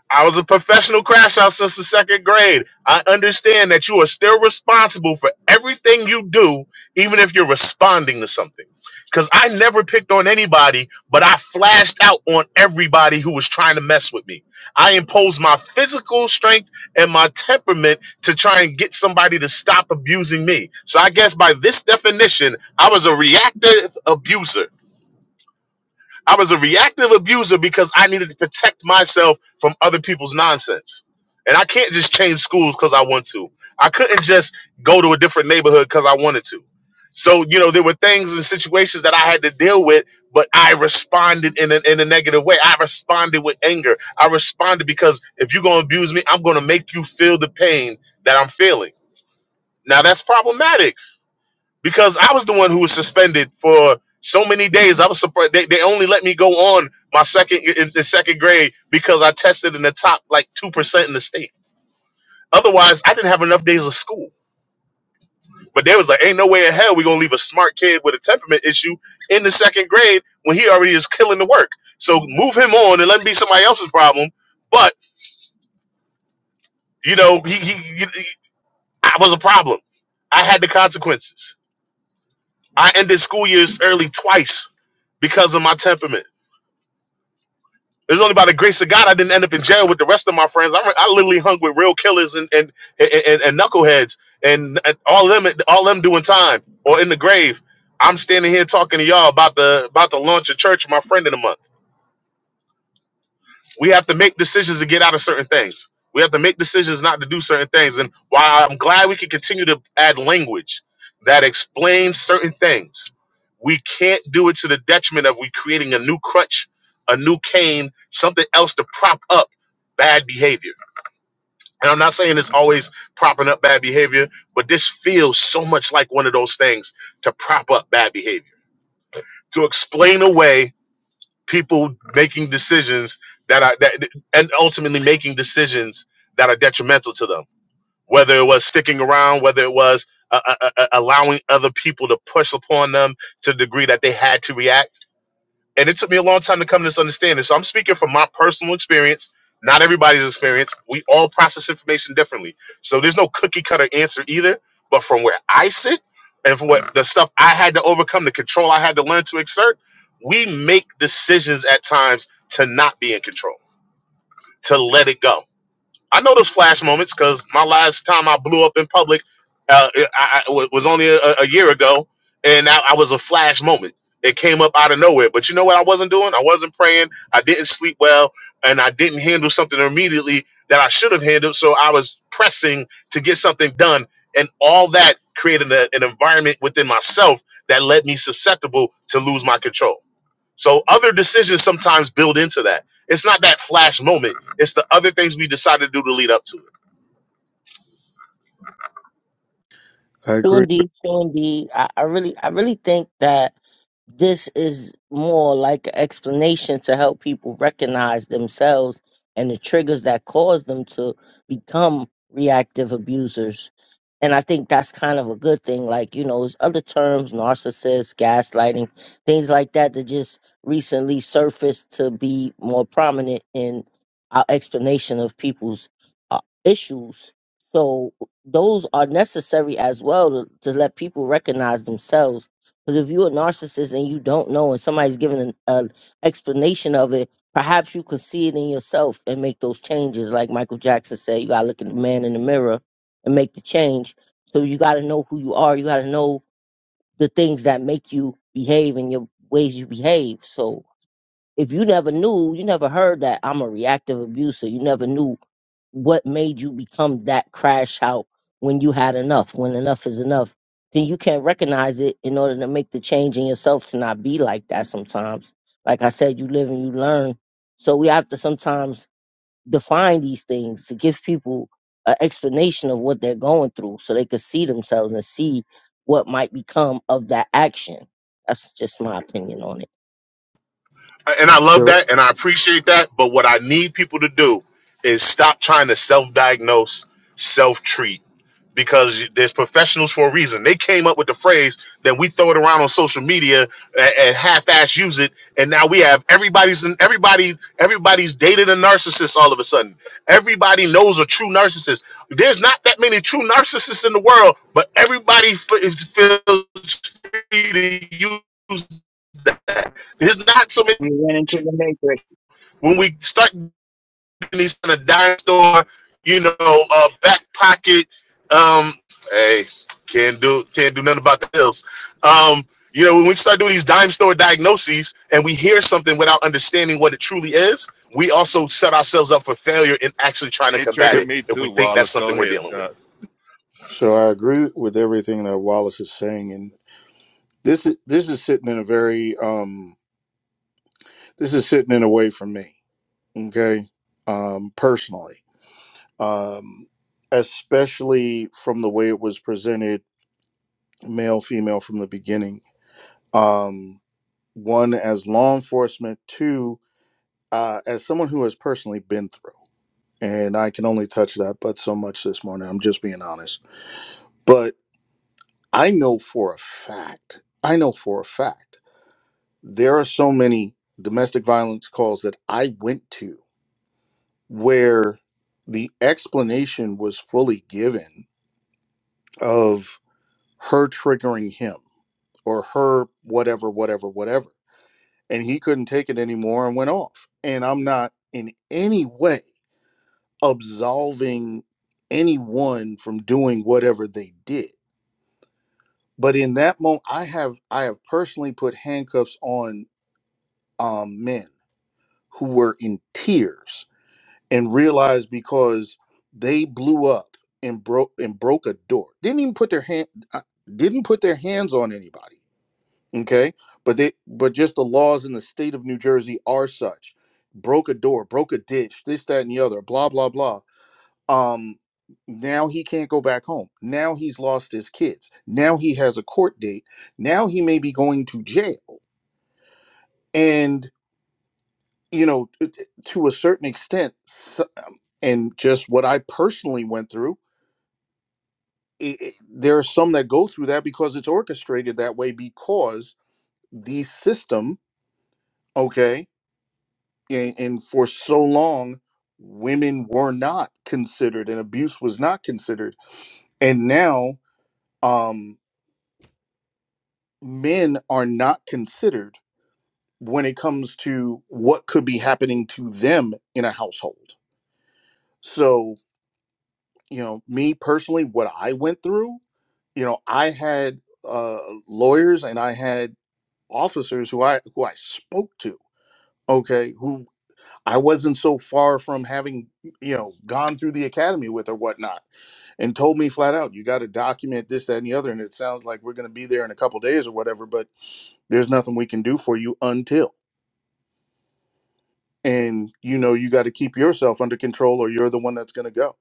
I was a professional crash out since the second grade. I understand that you are still responsible for everything you do, even if you're responding to something. Because I never picked on anybody, but I flashed out on everybody who was trying to mess with me. I imposed my physical strength and my temperament to try and get somebody to stop abusing me. So I guess by this definition, I was a reactive abuser. I was a reactive abuser because I needed to protect myself from other people's nonsense. And I can't just change schools because I want to. I couldn't just go to a different neighborhood because I wanted to. So, you know, there were things and situations that I had to deal with, but I responded in a, in a negative way. I responded with anger. I responded because if you're going to abuse me, I'm going to make you feel the pain that I'm feeling. Now, that's problematic because I was the one who was suspended for so many days. I was surprised they, they only let me go on my second in, in second grade because I tested in the top like two percent in the state. Otherwise, I didn't have enough days of school. But they was like, "Ain't no way in hell we gonna leave a smart kid with a temperament issue in the second grade when he already is killing the work." So move him on and let him be somebody else's problem. But you know, he, he, he he- I was a problem. I had the consequences. I ended school years early twice because of my temperament It was only by the grace of God I didn't end up in jail with the rest of my friends. I, re- I literally hung with real killers and and and, and, and knuckleheads and, and all them all them doing time or in the grave. I'm standing here talking to y'all about the about the launch of church, my friend in a month we have to make decisions to get out of certain things. We have to make decisions not to do certain things. And while I'm glad we can continue to add language that explains certain things, we can't do it to the detriment of we creating a new crutch, a new cane, something else to prop up bad behavior. And I'm not saying it's always propping up bad behavior, but this feels so much like one of those things to prop up bad behavior, to explain away people making decisions that are that and ultimately making decisions that are detrimental to them whether it was sticking around whether it was uh, uh, uh, allowing other people to push upon them to the degree that they had to react and it took me a long time to come to this understanding. So I'm speaking from my personal experience, not everybody's experience. We all process information differently. So there's no cookie cutter answer either. But from where I sit and from what Right. the stuff I had to overcome, the control I had to learn to exert, we make decisions at times to not be in control, to let it go I know those flash moments because my last time I blew up in public uh, I, I- was only a, a year ago, and I, I was a flash moment. It came up out of nowhere. But you know what I wasn't doing? I wasn't praying. I didn't sleep well, and I didn't handle something immediately that I should have handled. So I was pressing to get something done, and all that created a, an environment within myself that led me susceptible to lose my control so other decisions sometimes build into that. It's not that flash moment. It's the other things we decide to do to lead up to it. I True agree. indeed, true indeed. I, I really I really think that This is more like an explanation to help people recognize themselves and the triggers that cause them to become reactive abusers. And I think that's kind of a good thing. Like, you know, there's other terms, narcissist, gaslighting, things like that that just recently surfaced to be more prominent in our explanation of people's uh, issues. So those are necessary as well to, to let people recognize themselves because if you're a narcissist and you don't know, and somebody's giving an, an explanation of it, perhaps you could see it in yourself and make those changes. Like Michael Jackson said, you gotta look at the man in the mirror and make the change. So you gotta know who you are. You gotta know the things that make you behave and your ways you behave. So if you never knew, you never heard that I'm a reactive abuser. You never knew what made you become that crash out when you had enough, when enough is enough, then you can't recognize it in order to make the change in yourself to not be like that sometimes. Like I said, you live and you learn. So we have to sometimes define these things to give people an explanation of what they're going through so they could see themselves and see what might become of that action. That's just my opinion on it. and I love With that and I appreciate that. But what I need people to do is stop trying to self diagnose, self treat, because there's professionals for a reason. They came up with the phrase, then we throw it around on social media and, and half ass use it, and now we have everybody's everybody everybody's dated a narcissist all of a sudden. Everybody knows a true narcissist. There's not that many true narcissists in the world, but everybody f- feels free to use that. There's not so many when we start doing these kind of dime store, you know, uh, back pocket, um, hey, can't do can't do nothing about the hills. Um, you know, when we start doing these dime store diagnoses and we hear something without understanding what it truly is, we also set ourselves up for failure in actually trying to It combat triggered it me if too. we think Well, that's let's go something we're ahead, dealing with. Scott. so I agree with everything that Wallace is saying, and this is this is sitting in a very um this is sitting in a way for me. Okay, um, personally. um, especially from the way it was presented, male, female from the beginning. Um, one, as law enforcement, two, uh, as someone who has personally been through, and I can only touch that but so much this morning. I'm just being honest. But I know for a fact, I know for a fact, there are so many domestic violence calls that I went to where the explanation was fully given of her triggering him or her whatever whatever whatever and he couldn't take it anymore and went off and i'm not in any way absolving anyone from doing whatever they did but in that moment i have i have personally put handcuffs on um, men who were in tears and realized because they blew up and broke and broke a door didn't even put their hand uh, didn't put their hands on anybody okay but they but just the laws in the state of new jersey are such broke a door broke a ditch this that and the other blah blah blah um now he can't go back home now he's lost his kids now he has a court date now he may be going to jail and you know t- t- to a certain extent s- and just what i personally went through i i there are some that go through that because it's orchestrated that way because the system okay and, and for so long women were not considered and abuse was not considered and now um men are not considered when it comes to what could be happening to them in a household so you know me personally what i went through you know i had uh lawyers and i had officers who i who i spoke to okay who i wasn't so far from having you know gone through the academy with or whatnot and told me flat out, you got to document this, that, and the other. And it sounds like we're going to be there in a couple days or whatever, but there's nothing we can do for you until. And you know, you got to keep yourself under control or you're the one that's going to go.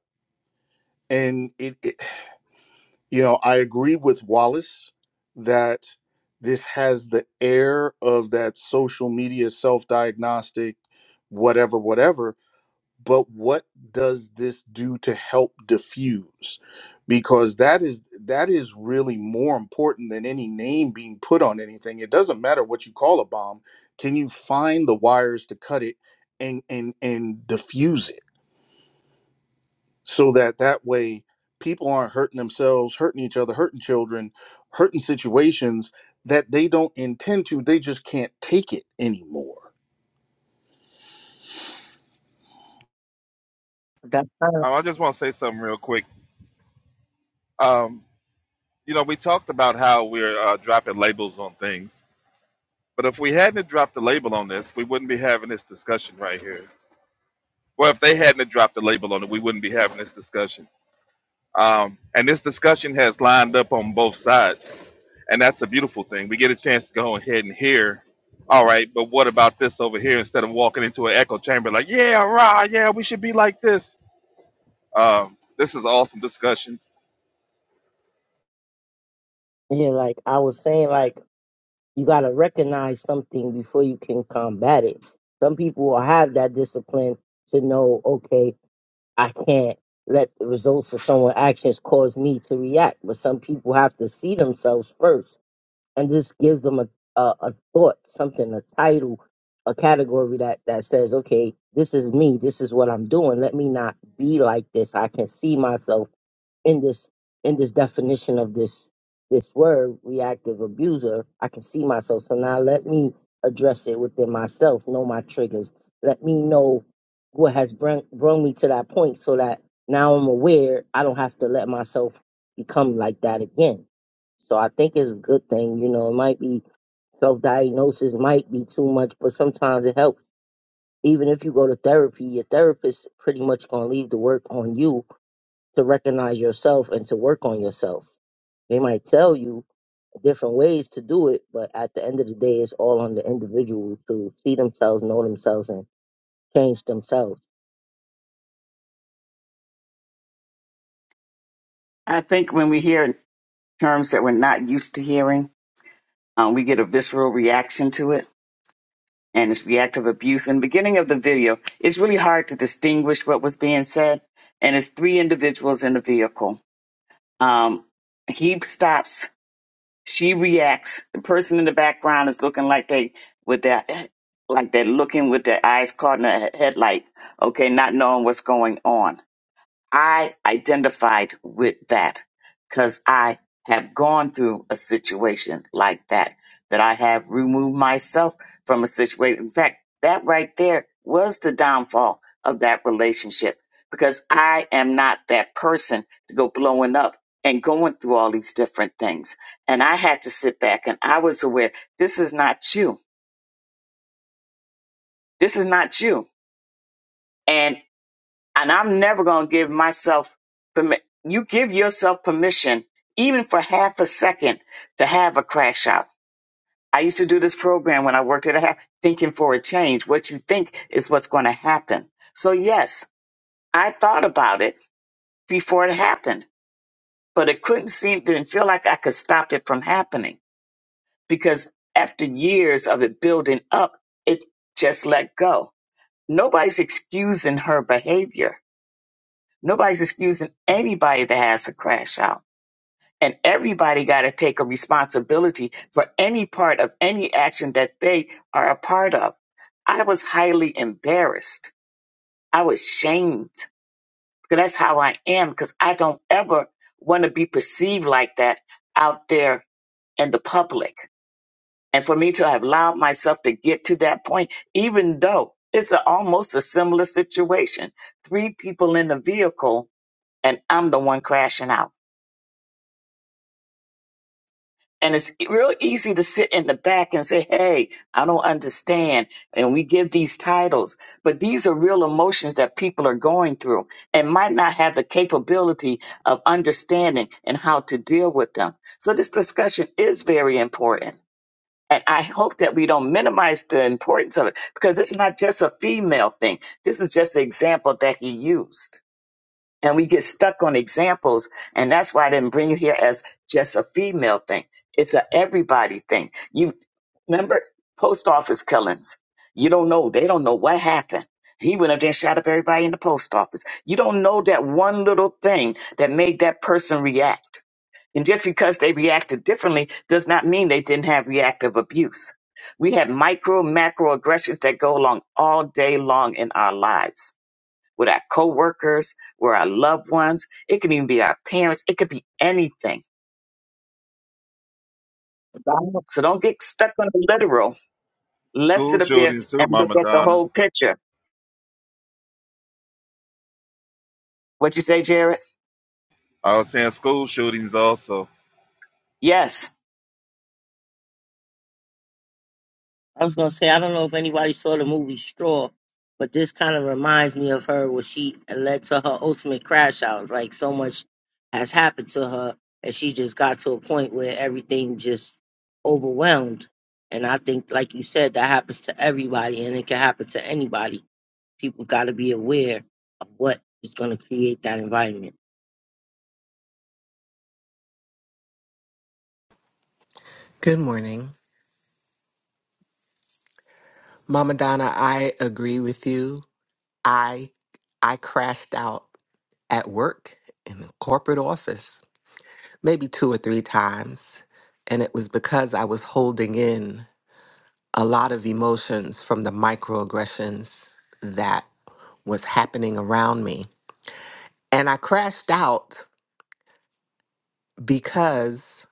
And it, it, you know, I agree with Wallace that this has the air of that social media self diagnostic, whatever, whatever but what does this do to help diffuse because that is that is really more important than any name being put on anything it doesn't matter what you call a bomb can you find the wires to cut it and and and diffuse it so that that way people aren't hurting themselves hurting each other hurting children hurting situations that they don't intend to they just can't take it anymore That's kind of, Um, I just want to say something real quick. Um, you know, we talked about how we're uh, dropping labels on things, but if we hadn't dropped the label on this, we wouldn't be having this discussion right here. Well, if they hadn't dropped the label on it, we wouldn't be having this discussion. Um, and this discussion has lined up on both sides, and that's a beautiful thing. We get a chance to go ahead and hear, all right, but what about this over here? Instead of walking into an echo chamber, like, yeah, rah, yeah, we should be like this. Um, this is awesome discussion. yeah, like I was saying, like You got to recognize something before you can combat it. Some people will have that discipline to know, okay, I can't let the results of someone's actions cause me to react. But some people have to see themselves first. And this gives them a, a, a thought, something, a title, a category that, that says, okay, this is me. This is what I'm doing. Let me not be like this. I can see myself in this in this definition of this this word reactive abuser i can see myself so now let me address it within myself know my triggers let me know what has bring, brought me to that point so that now i'm aware i don't have to let myself become like that again so i think it's a good thing you know it might be self-diagnosis might be too much but sometimes it helps even if you go to therapy your therapist pretty much gonna leave the work on you to recognize yourself and to work on yourself. They might tell you different ways to do it, but at the end of the day, it's all on the individual to see themselves, know themselves, and change themselves. I think when we hear terms that we're not used to hearing, um, we get a visceral reaction to it and it's reactive abuse. In the beginning of the video, it's really hard to distinguish what was being said. And it's three individuals in the vehicle. Um, he stops She reacts. The person in the background is looking like they with their like they're looking with their eyes caught in a headlight, okay, not knowing what's going on. I identified with that because I have gone through a situation like that, that I have removed myself from a situation. In fact, that right there was the downfall of that relationship because I am not that person to go blowing up and going through all these different things. And I had to sit back and I was aware this is not you. This is not you. and I'm never going to give myself permi- you give yourself permission even for half a second to have a crash out. I used to do this program when I worked at a half thinking for a change. What you think is what's going to happen. So yes, I thought about it before it happened, but it couldn't seem didn't feel like I could stop it from happening because after years of it building up, it just let go. Nobody's excusing her behavior Nobody's excusing anybody that has a crash out. And everybody got to take a responsibility for any part of any action that they are a part of. I was highly embarrassed. I was shamed because that's how I am because I don't ever want to be perceived like that out there in the public. And for me to have allowed myself to get to that point, even though it's a, almost a similar situation, three people in the vehicle and I'm the one crashing out And it's e- real easy to sit in the back and say, Hey, I don't understand. And we give these titles, but these are real emotions that people are going through and might not have the capability of understanding and how to deal with them. So this discussion is very important. And I hope that we don't minimize the importance of it because it's not just a female thing. This is just an example that he used and we get stuck on examples and that's why i didn't bring you here as just a female thing it's a everybody thing you remember post office killings you don't know they don't know what happened he went up there and shot up everybody in the post office you don't know that one little thing that made that person react and just because they reacted differently does not mean they didn't have reactive abuse we have micro macro aggressions that go along all day long in our lives with our coworkers, with our loved ones. It can even be our parents. It could be anything. So I don't- So don't get stuck on the literal. Let's School sit up there shootings too, and look Mama at the Donna. whole picture. What you say, Jared? I was saying school shootings also. Yes. I was gonna say I don't know if anybody saw the movie Straw, but this kind of reminds me of her where she it led to her ultimate crash out. Like so much has happened to her, and she just got to a point where everything just overwhelmed. And I think, like you said, that happens to everybody, and it can happen to anybody people got to be aware of what is going to create that environment. Good morning. Mama Donna, I agree with you. I I crashed out at work in the corporate office maybe two or three times, and it was because I was holding in a lot of emotions from the microaggressions that was happening around me. And I crashed out because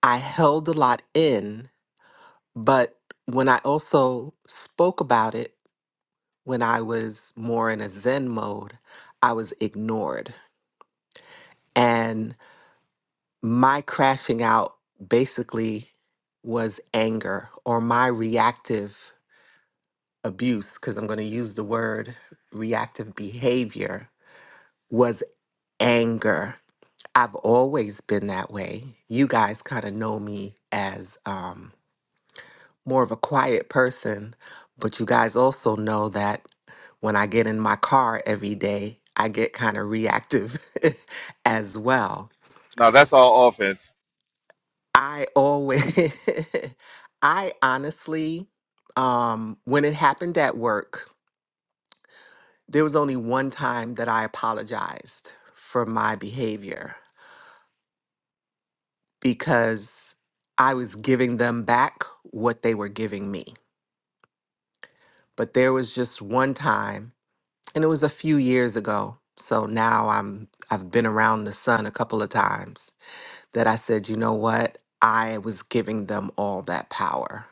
I held a lot in, but when I also spoke about it when I was more in a Zen mode, I was ignored. And my crashing out basically was anger or my reactive abuse, because I'm going to use the word reactive behavior, was anger. I've always been that way. You guys kind of know me as. Um, more of a quiet person, but you guys also know that when I get in my car every day, I get kind of reactive as well. Now that's all offense. I always, I honestly, um, when it happened at work, there was only one time that I apologized for my behavior because I was giving them back what they were giving me. But there was just one time and it was a few years ago. So now I'm I've been around the sun a couple of times that I said, you know what? I was giving them all that power.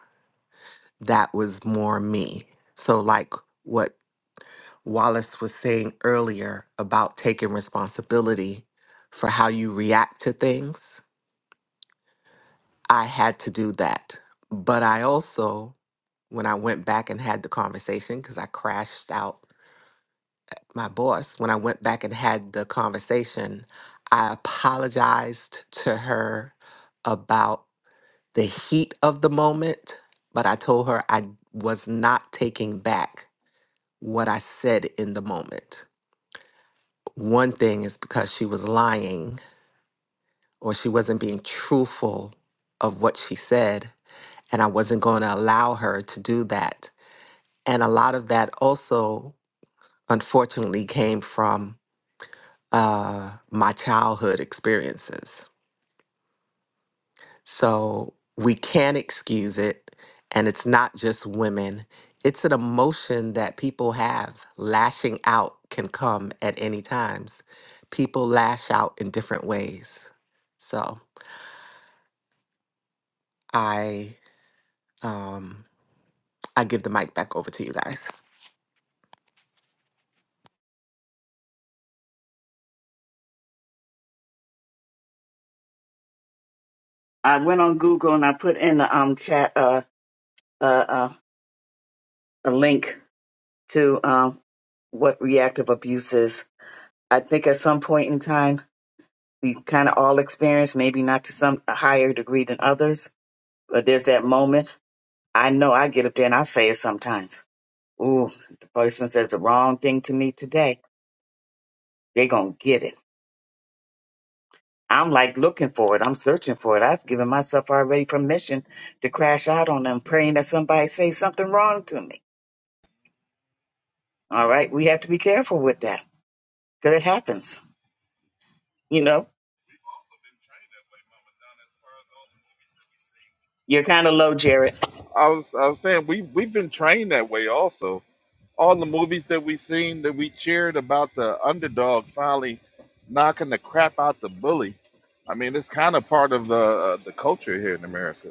That was more me. So like what Wallace was saying earlier about taking responsibility for how you react to things, I had to do that. But I also when I went back and had the conversation cuz I crashed out my boss, when I went back and had the conversation, I apologized to her about the heat of the moment, but I told her I was not taking back what I said in the moment. One thing is because she was lying or she wasn't being truthful of what she said, and I wasn't going to allow her to do that. And a lot of that also, unfortunately, came from uh, my childhood experiences. So we can't excuse it. And it's not just women, it's an emotion that people have. Lashing out can come at any times. People lash out in different ways. So I um, I give the mic back over to you guys. I went on Google and I put in the um, chat uh, uh, uh, a link to um, what reactive abuse is. I think at some point in time, we kind of all experience, maybe not to some a higher degree than others, but there's that moment. I know I get up there and I say it sometimes Ooh, the person says the wrong thing to me today. They're going to get it. I'm like looking for it. I'm searching for it. I've given myself already permission to crash out on them, praying that somebody say something wrong to me. All right. We have to be careful with that because it happens. You know, you're kind of low, Jared. I was I was saying we we've been trained that way also all the movies that we seen that we cheered about the underdog finally knocking the crap out the bully. I mean, it's kind of part of the uh, the culture here in America.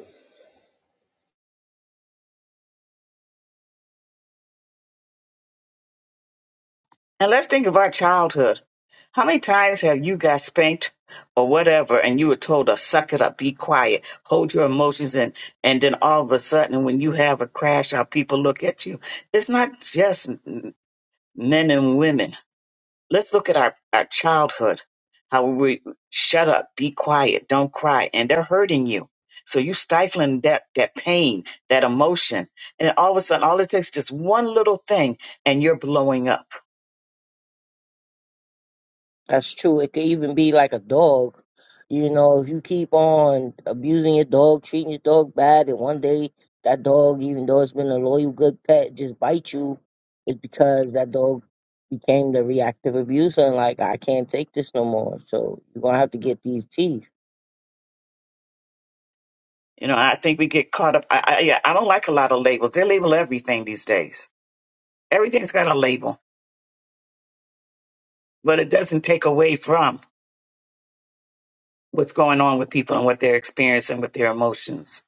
And let's think of our childhood. How many times have you got spanked or whatever and you were told to suck it up, be quiet, hold your emotions in, and then all of a sudden when you have a crash how people look at you. It's not just m- men and women. Let's look at our, our childhood. How we shut up, be quiet, don't cry, and they're hurting you. So you stifling that that pain, that emotion, and all of a sudden all it takes is just one little thing and you're blowing up That's true. It could even be like a dog. You know, if you keep on abusing your dog, treating your dog bad, and one day that dog, even though it's been a loyal, good pet, just bites you, it's because that dog became the reactive abuser and like, I can't take this no more. So you're going to have to get these teeth. You know, I think we get caught up. I, I, yeah, I don't like a lot of labels. They label everything these days. Everything's got a label, but it doesn't take away from what's going on with people and what they're experiencing with their emotions.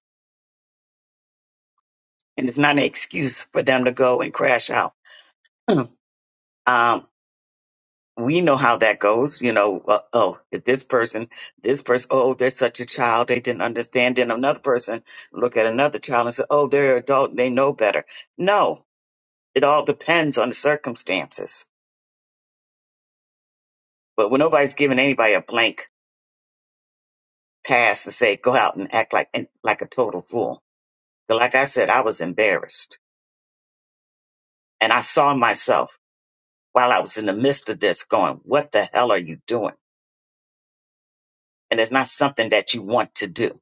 And it's not an excuse for them to go and crash out. um, we know how that goes. You know, uh, oh, if this person, this person, oh, they're such a child. They didn't understand. Then another person look at another child and say, oh, they're adult. They know better. No, it all depends on the circumstances But when nobody's giving anybody a blank pass to say go out and act like and like a total fool. But like I said, I was embarrassed, and I saw myself while I was in the midst of this, going, "What the hell are you doing?" And it's not something that you want to do.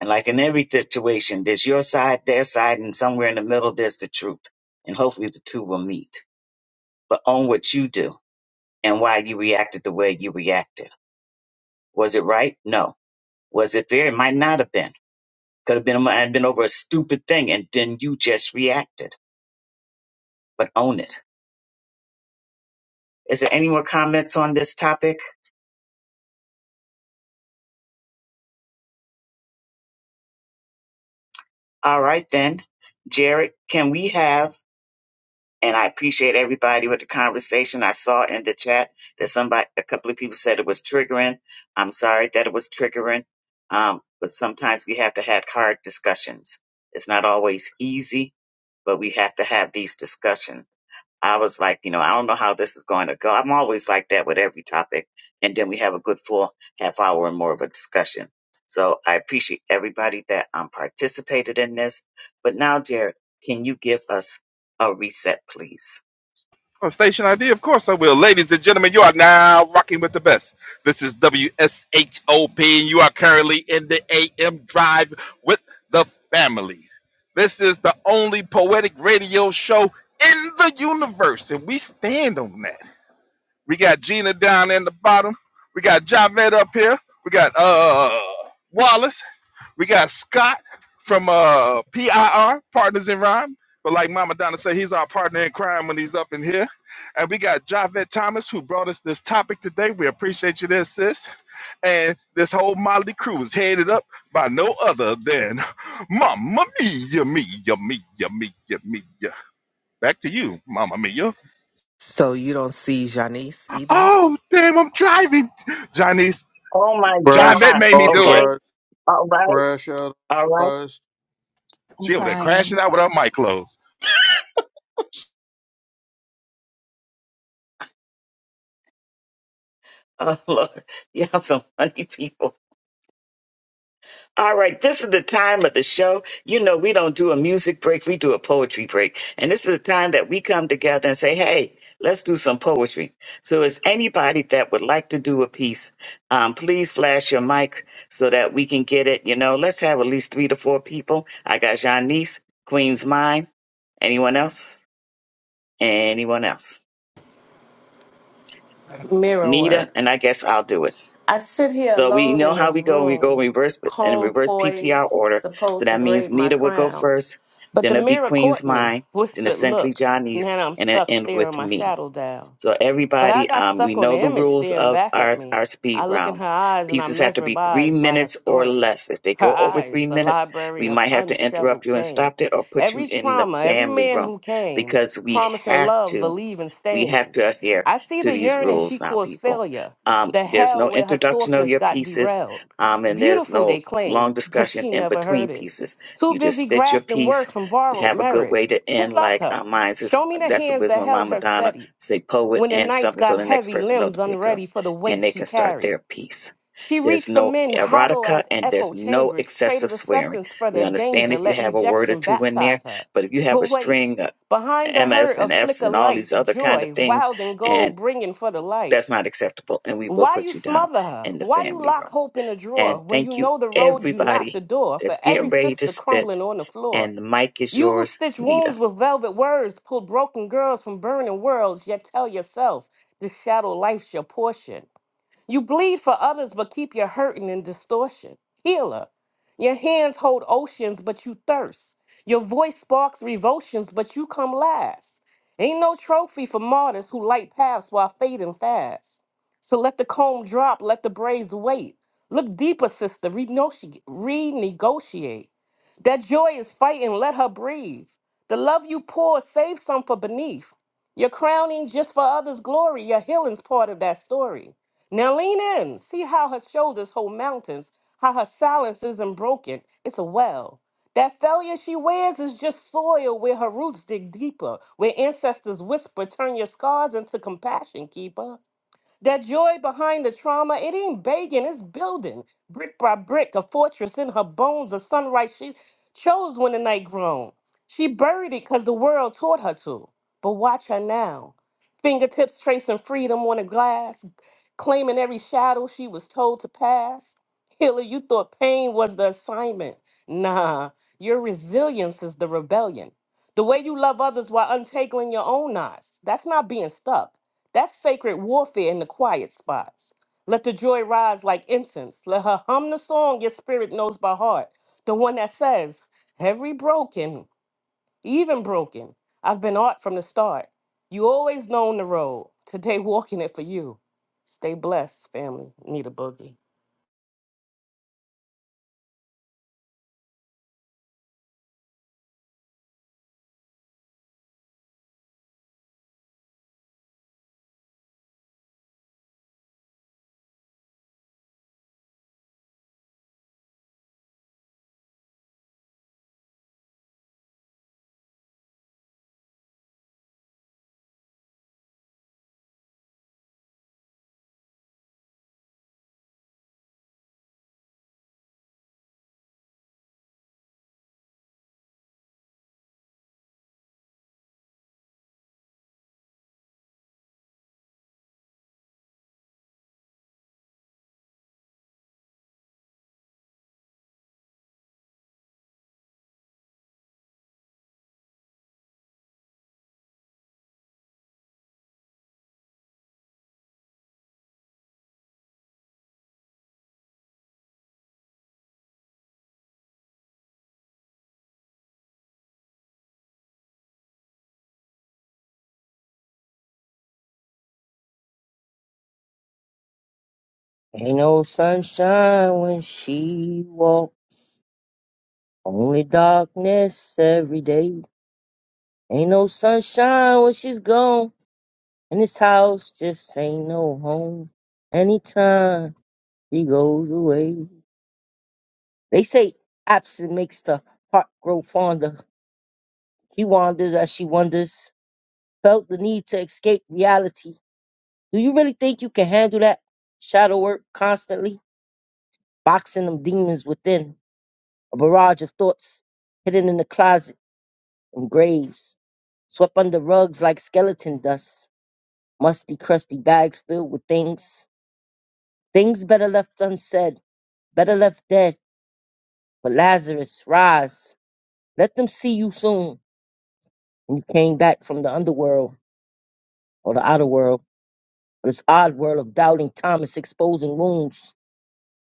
And like in every situation, there's your side, their side, and somewhere in the middle, there's the truth. And hopefully, the two will meet. But own what you do and why you reacted the way you reacted. Was it right? No. Was it fair? It might not have been Could have been might have been over a stupid thing, and then you just reacted. But own it. Is there any more comments on this topic? All right then, Jared, can we have? And I appreciate everybody with the conversation. I saw in the chat that somebody, a couple of people said it was triggering. I'm sorry that it was triggering. Um, but sometimes we have to have hard discussions. It's not always easy, but we have to have these discussions I was like, you know, I don't know how this is going to go. I'm always like that with every topic. And then we have a good full half hour and more of a discussion. So I appreciate everybody that um, participated in this. But now, Jared, can you give us a reset, please? Oh, Station ID, of course I will. Ladies and gentlemen, you are now rocking with the best. This is WSHOP, and you are currently in the AM drive with the family. This is the only poetic radio show in the universe, and we stand on that. We got Gina down in the bottom. We got Javed up here. We got uh Wallace. We got Scott from uh PIR Partners in Rhyme. But like Mama Donna said, he's our partner in crime when he's up in here. And we got Javed Thomas who brought us this topic today. We appreciate you there, sis. And this whole Motley crew is headed up by no other than Mama Mia, Mia, Mia, Mia, Mia. Back to you, Mama Mia. So you don't see Janice either? Oh, damn, I'm driving. Johnny Oh my Crash Javette God. made me do it. Okay. authorized. All right. Crash All right. authorized. I'm She over there crying. crashing out with her mic closed. Oh Lord, y'all some funny people. All right, this is the time of the show. You know, we don't do a music break, we do a poetry break. And this is the time that we come together and say, hey, let's do some poetry. So is anybody that would like to do a piece, um, please flash your mic so that we can get it. You know, let's have at least three to four people. I got Janice, Queen's Mind. Anyone else? Anyone else? Mirror Nita, work. and I guess I'll do it. I sit here So we alone know in how this we go. We go room, reverse in comb reverse PTR poised, order. So supposed to that means braid my Nita would go crown. first, But the then it'd be mirror Queen's caught me, Mind, then whispered, essentially Look, Johnny's, now I'm and it stuck end staring with my me. shadow down. So But I everybody, got um, we stuck on the know the image rules staring of back at our me. our speed I look in her rounds. eyes and I'm Pieces have to be three mesmerized by her minutes or story. less. If they Her go over eyes, three a minutes, library we of might have to interrupt unshoveled you and pain. stop it, or put you Every in the trauma, every family man room who came, because we promising have love, to. believing We have to stains. adhere I see to the these yearning she rules now, caused people. failure, Um, the there's hell no where her introduction of softness your got pieces, derailed. um, and there's Beautiful, they no claim, long but discussion she in never heard between it. pieces. Too You just busy spit your grafting piece, work from borrowed have a good merit. way to Who end, loved like her? uh, mine says, Show me the that's the hands that wisdom of held Mama her Donna, steady say poet when the and nights something so got the next heavy, person know limbs to pick up unready for the and weight they she can start carried. their piece. She There's reached for no men hollow erotica as and echo there's no chambers, excessive traded swearing. acceptance for We their understand danger, if you let have a word or rejection two in there, baptize her. but if you have a But wait, string behind the hurt, MS and of Fs flicker and all lights, these other kind of joy, things. wild and And gold, bringing for the light. that's not acceptable. And we will Why put you you down smother her? in the Why you family lock room. hope in a drawer And when you thank you, know the road you mapped the everybody door for that's every getting ready to sister spit. crumbling on the floor? And the mic is You who yours, stitch wounds Nita. with velvet words, pull broken girls from burning worlds, yet tell yourself this shadow life's your portion. You bleed for others, but keep your hurting in distortion. Healer, your hands hold oceans, but you thirst. Your voice sparks revulsions, but you come last. Ain't no trophy for martyrs who light paths while fading fast. So let the comb drop, let the braids wait. Look deeper, sister, renego- renegotiate. That joy is fighting, let her breathe. The love you pour, save some for beneath. Your crowning just for others' glory, your healing's part of that story. Now lean in, see how her shoulders hold mountains, how her silence isn't broken, it's a well. That failure she wears is just soil where her roots dig deeper, where ancestors whisper, turn your scars into compassion, keeper. That joy behind the trauma, it ain't begging, it's building. Brick by brick, a fortress in her bones, a sunrise she chose when the night grown. She buried it because the world taught her to. But watch her now. Fingertips tracing freedom on the glass, claiming every shadow she was told to pass. Healer, you thought pain was the assignment. Nah, your resilience is the rebellion. The way you love others while untangling your own knots. That's not being stuck. That's sacred warfare in the quiet spots. Let the joy rise like incense. Let her hum the song your spirit knows by heart. The one that says, Every broken, even broken, I've been art from the start. You always known the road. Today, walking it for you. Stay blessed, family. Need a boogie. Ain't no sunshine when she walk, only darkness every day. Ain't no sunshine when she's gone, and this house just ain't no home. Anytime she goes away, they say absence makes the heart grow fonder. She wanders as she wonders, felt the need to escape reality. Do you really think you can handle that? Shadow work constantly, boxing them demons within, a barrage of thoughts hidden in the closet and graves, swept under rugs like skeleton dust, musty, crusty bags filled with things. Things better left unsaid, better left dead. But Lazarus, rise. Let them see you soon. when you came back from the underworld or the outer world, or this odd world of doubting Thomas, exposing wounds,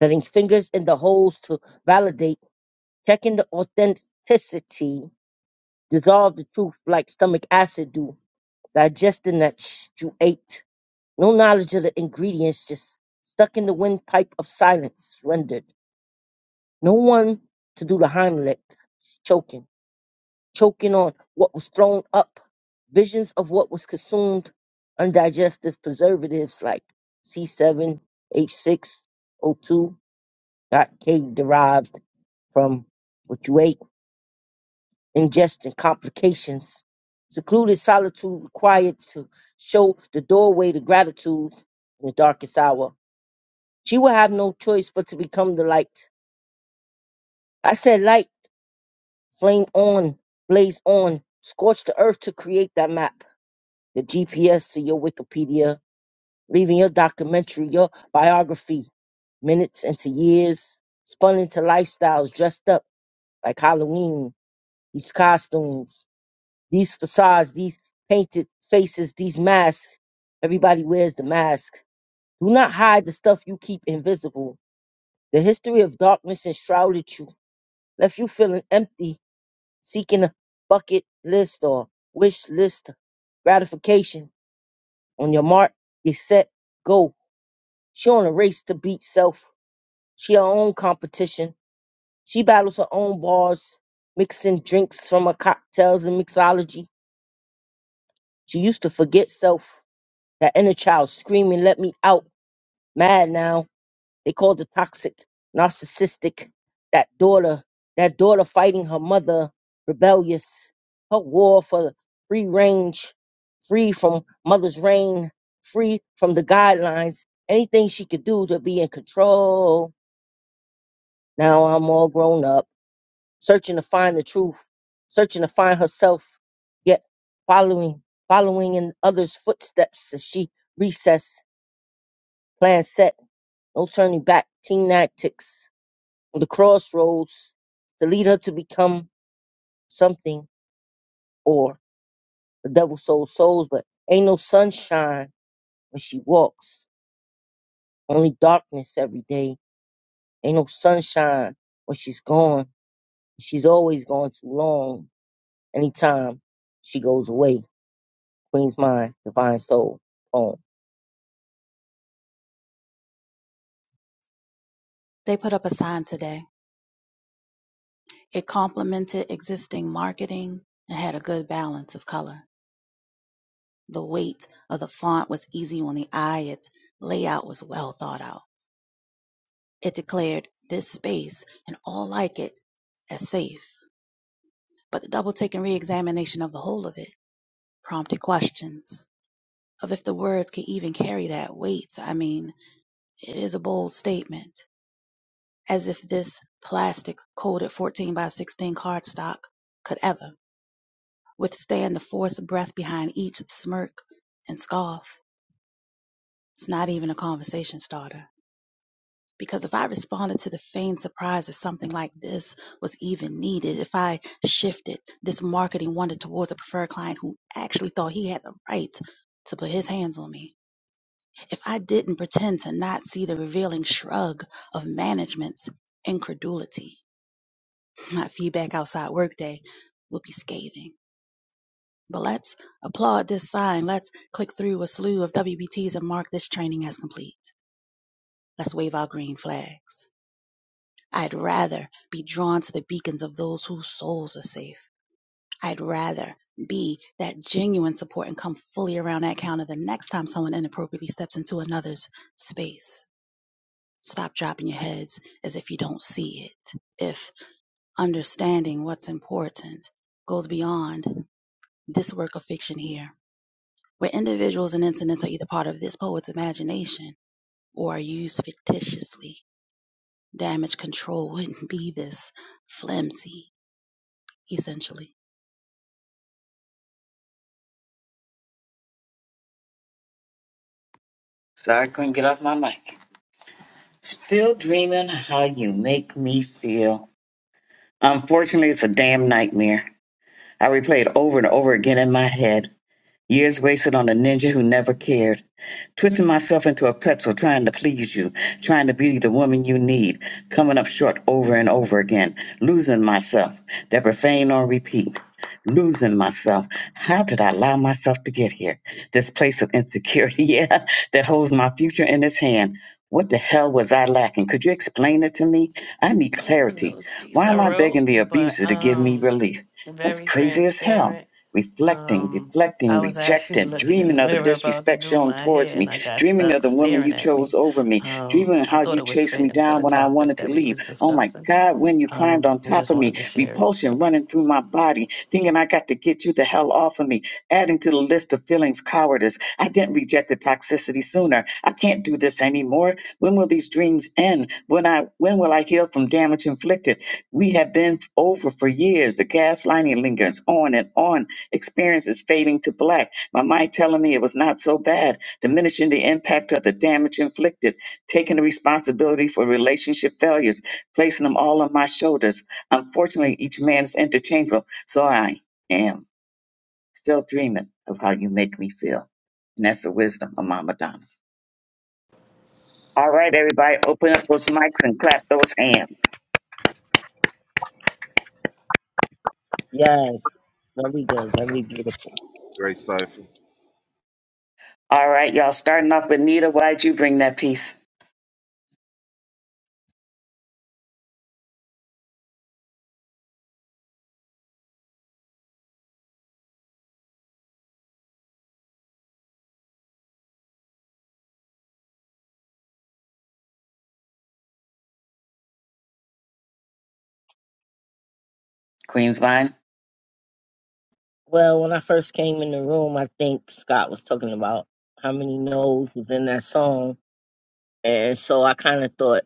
letting fingers in the holes to validate, checking the authenticity, dissolve the truth like stomach acid do, digesting that sh- you ate. No knowledge of the ingredients, just stuck in the windpipe of silence, rendered. No one to do the Heimlich, choking choking on what was thrown up, visions of what was consumed, undigested preservatives like C7, H6, O2, not K derived from what you ate, ingestion complications. Secluded solitude required to show the doorway to gratitude in the darkest hour. She would have no choice but to become the light. I said light, flame on, blaze on, scorch the earth to create that map the GPS to your Wikipedia, leaving your documentary, your biography, minutes into years, spun into lifestyles dressed up like Halloween, these costumes, these facades, these painted faces, these masks. Everybody wears the mask. Do not hide the stuff you keep invisible. The history of darkness enshrouded you, left you feeling empty, seeking a bucket list or wish list gratification on your mark, get set, go She on a race to beat self. She her own competition. She battles her own bars, mixing drinks from her cocktails and mixology. She used to forget self. That inner child screaming, let me out. Mad now. They called the toxic, narcissistic. That daughter, that daughter fighting her mother, rebellious. Her war for free range, free from mother's reign, free from the guidelines. Anything she could do to be in control Now I'm all grown up, searching to find the truth, searching to find herself, yet following, following in others' footsteps as she recess, plan set, no turning back, teen antics, the crossroads to lead her to become something or the devil sold souls, but ain't no sunshine when she walks, only darkness every day. Ain't no sunshine when she's gone. She's always gone too long anytime she goes away. Queen's Mind, Divine Soul poem. They put up a sign today. It complemented existing marketing and had a good balance of color. The weight of the font was easy on the eye. Its layout was well thought out. It declared this space and all like it as safe, but the double take and re-examination of the whole of it prompted questions of if the words could even carry that weight. I mean, it is a bold statement, as if this plastic coated 14 by 16 cardstock could ever withstand the forced breath behind each smirk and scoff. It's not even a conversation starter. Because if I responded to the feigned surprise that something like this was even needed, if I shifted this marketing wonder towards a preferred client who actually thought he had the right to put his hands on me, if I didn't pretend to not see the revealing shrug of management's incredulity, my feedback outside workday would be scathing. But let's applaud this sign. Let's click through a slew of WBTs and mark this training as complete. Let's wave our green flags. I'd rather be drawn to the beacons of those whose souls are safe. I'd rather be that genuine support and come fully around that counter the next time someone inappropriately steps into another's space. Stop dropping your heads as if you don't see it. If understanding what's important goes beyond this work of fiction here, where individuals and incidents are either part of this poet's imagination or are used fictitiously, damage control wouldn't be this flimsy, essentially. Sorry, I couldn't get off my mic. Still dreaming how you make me feel. Unfortunately, it's a damn nightmare. I replay it over and over again in my head. Years wasted on a ninja who never cared. Twisting myself into a pretzel trying to please you, trying to be the woman you need, coming up short over and over again, losing myself, that profane on repeat. Losing myself. How did I allow myself to get here? This place of insecurity, yeah, that holds my future in its hand. What the hell was I lacking? Could you explain it to me? I need That was one of clarity. those piece Why I am I wrote, begging the but abuser to give me um, relief? That's very crazy as hell transparent reflecting, Um, deflecting, I was actually rejecting, looking in the dreaming of the mirror about to disrespect do shown my towards hair, and me, I got dreaming of stuck the woman staring you at chose me. over me, Um, dreaming of I how thought you it was chased me fitting for down the when I topic wanted that to we leave. was Oh my discussing. God, when you climbed Um, on I top just of wanted me, to share it. repulsion running through my body, thinking I got to get you the hell off of me, adding to the list of feelings cowardice. I I didn't reject the toxicity sooner. I can't do this anymore. When will these dreams end? When I when will I heal from damage inflicted? We have been over for years. The gaslighting lingers on and on. Experience is fading to black. My mind telling me it was not so bad, diminishing the impact of the damage inflicted, taking the responsibility for relationship failures, placing them all on my shoulders. Unfortunately, each man is interchangeable, so I am. Still dreaming of how you make me feel. And that's the wisdom of Mama Donna. All right, everybody, open up those mics and clap those hands. Yes, very good, very beautiful. Great cipher. All right, y'all, starting off with Nita. Why'd you bring that piece? Queen's Vine. Well, when I first came in the room, I think Scott was talking about how many no's was in that song. And so I kind of thought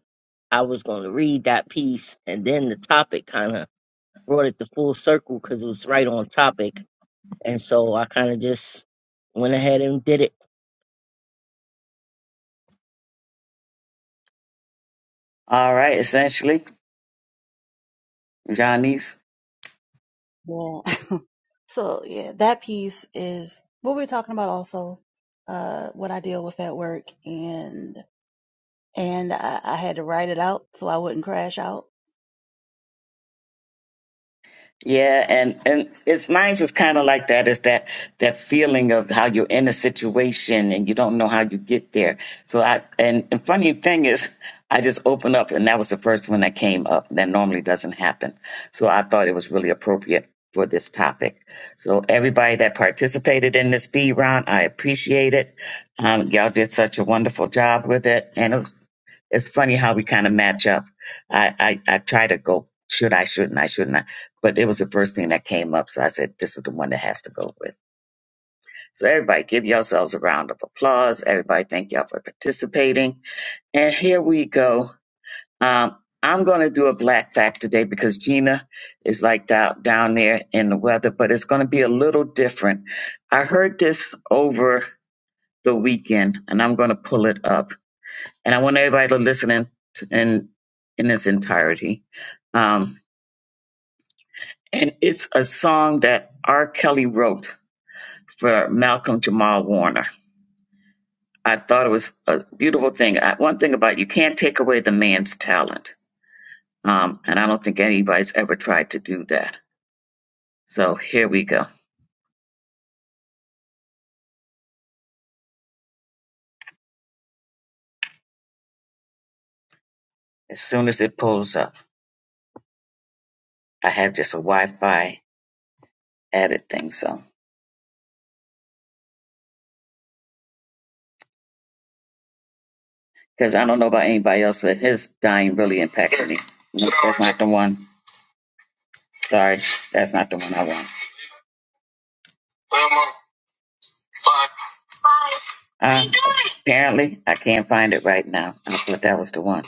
I was going to read that piece. And then the topic kind of brought it to full circle because it was right on topic. And so I kind of just went ahead and did it. All right, essentially, Johnny's. Yeah. so yeah, that piece is what we are talking about also, uh, what I deal with at work and and I, I had to write it out so I wouldn't crash out. Yeah, and and it's mine was kind of like that. Is that that feeling of how you're in a situation and you don't know how you get there. So I and, and funny thing is, I just opened up and that was the first one that came up. That normally doesn't happen. So I thought it was really appropriate for this topic. So everybody that participated in this speed round, I appreciate it. Um, y'all did such a wonderful job with it, and it was, it's funny how we kind of match up. I, I I try to go should I shouldn't I shouldn't I but it was the first thing that came up. So I said, this is the one that has to go with. So everybody give yourselves a round of applause. Everybody thank y'all for participating. And here we go. Um, I'm going to do a black fact today because Gina is like down, down there in the weather, but it's going to be a little different. I heard this over the weekend and I'm going to pull it up and I want everybody to listen in, in, in its entirety. Um, and it's a song that R. Kelly wrote for Malcolm Jamal Warner. I thought it was a beautiful thing. I, one thing about you can't take away the man's talent, um, and I don't think anybody's ever tried to do that. So here we go. As soon as it pulls up, I have just a Wi-Fi added thing. So because I don't know about anybody else, but his dying really impacted me. Not the one. Sorry, that's not the one I want. Uh, apparently, I can't find it right now. I thought that was the one.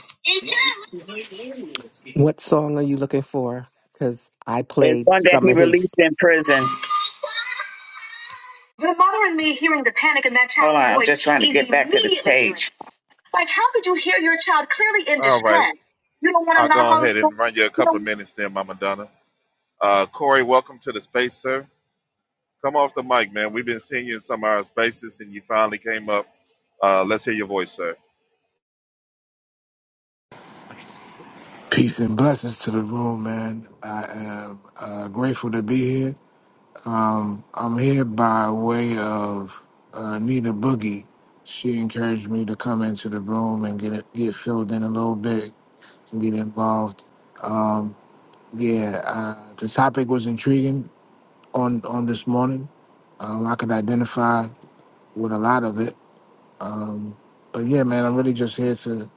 What song are you looking for? Because I It's played one that some he of his released in prison. All right. I'll go ahead and run you a couple of minutes there, Mama Donna. Uh, Corey, welcome to the space, sir. Come off the mic, man. We've been seeing you in some of our spaces, and you finally came up. Uh, let's hear your voice, sir. Peace and blessings to the room, man. I am uh, grateful to be here. Um, I'm here by way of uh, Nina Boogie. She encouraged me to come into the room and get it, get filled in a little bit and get involved. Um, yeah, uh, the topic was intriguing on on this morning. Um, I could identify with a lot of it. Um, but yeah, man, I'm really just here to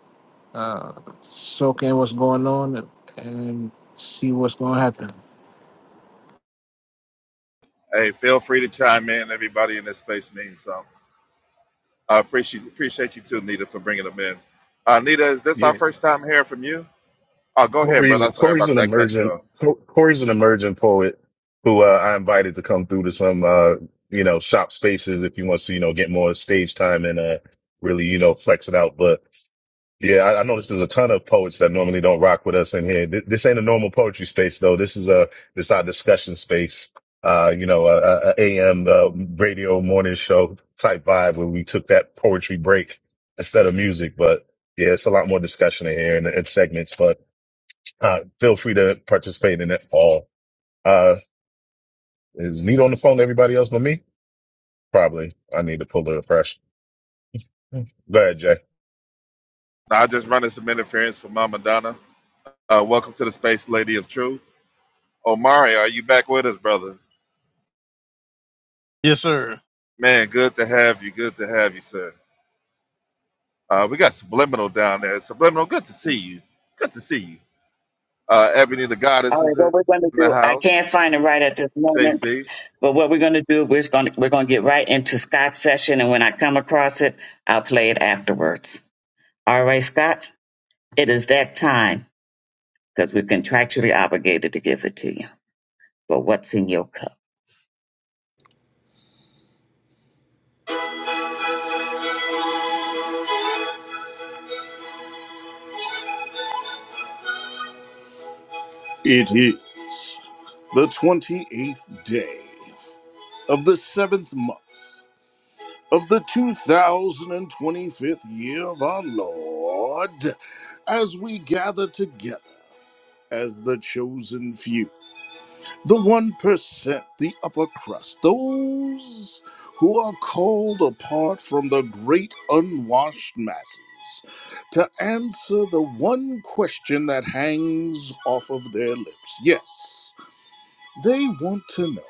uh, soak in what's going on and, and see what's going to happen. Hey, feel free to chime in. Everybody in this space means something. I appreciate appreciate you too, Nita, for bringing them in. Uh, Nita, is this Yeah, our first time hearing from you? Oh, go ahead, brother. Corey's Sorry Corey's about an that. Cut you off. emergent Co- Corey's an emergent poet who uh, I invited to come through to some uh, you know shop spaces if he wants to you know get more stage time and uh, really you know flex it out. But yeah, I, I noticed there's a ton of poets that normally don't rock with us in here. Th- this ain't a normal poetry space though. This is a this our discussion space. Uh, you know, a, AM uh, radio morning show type vibe where we took that poetry break instead of music. But yeah, it's a lot more discussion in here and, and segments, but. Uh, feel free to participate in it all. Uh, is Nita on the phone to everybody else but me? Probably. I need to pull the fresh. Go ahead, Jay. Now, I just running some interference for Mama Donna. Uh, welcome to the Space Lady of Truth. Omari, are you back with us, brother? Yes, sir. Man, good to have you. Good to have you, sir. Uh, we got Subliminal down there. Subliminal, good to see you. Good to see you. Uh, Ebony the All Goddess is right, in what we're going to the do, I house. can't find it right at this moment, JC. but what we're going to do, we're going to, we're going to get right into Scott's session, and when I come across it, I'll play it afterwards. All right, Scott, it is that time because we're contractually obligated to give it to you. But what's in your cup? It is the 28th day of the seventh month of the 2025th year of our Lord as we gather together as the chosen few, the 1%, the upper crust, those who are called apart from the great unwashed masses to answer the one question that hangs off of their lips. Yes. They want to know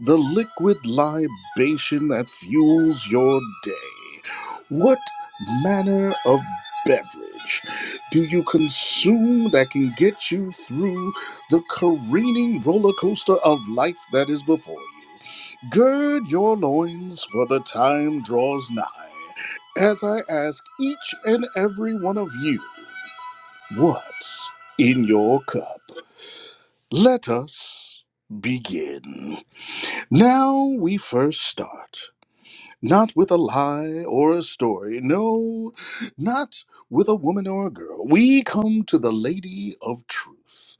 the liquid libation that fuels your day. What manner of beverage do you consume that can get you through the careening roller coaster of life that is before you? Gird your loins, for the time draws nigh. As I ask each and every one of you, what's in your cup? Let us begin. Now we first start, not with a lie or a story, no, not with a woman or a girl. We come to the Lady of Truth,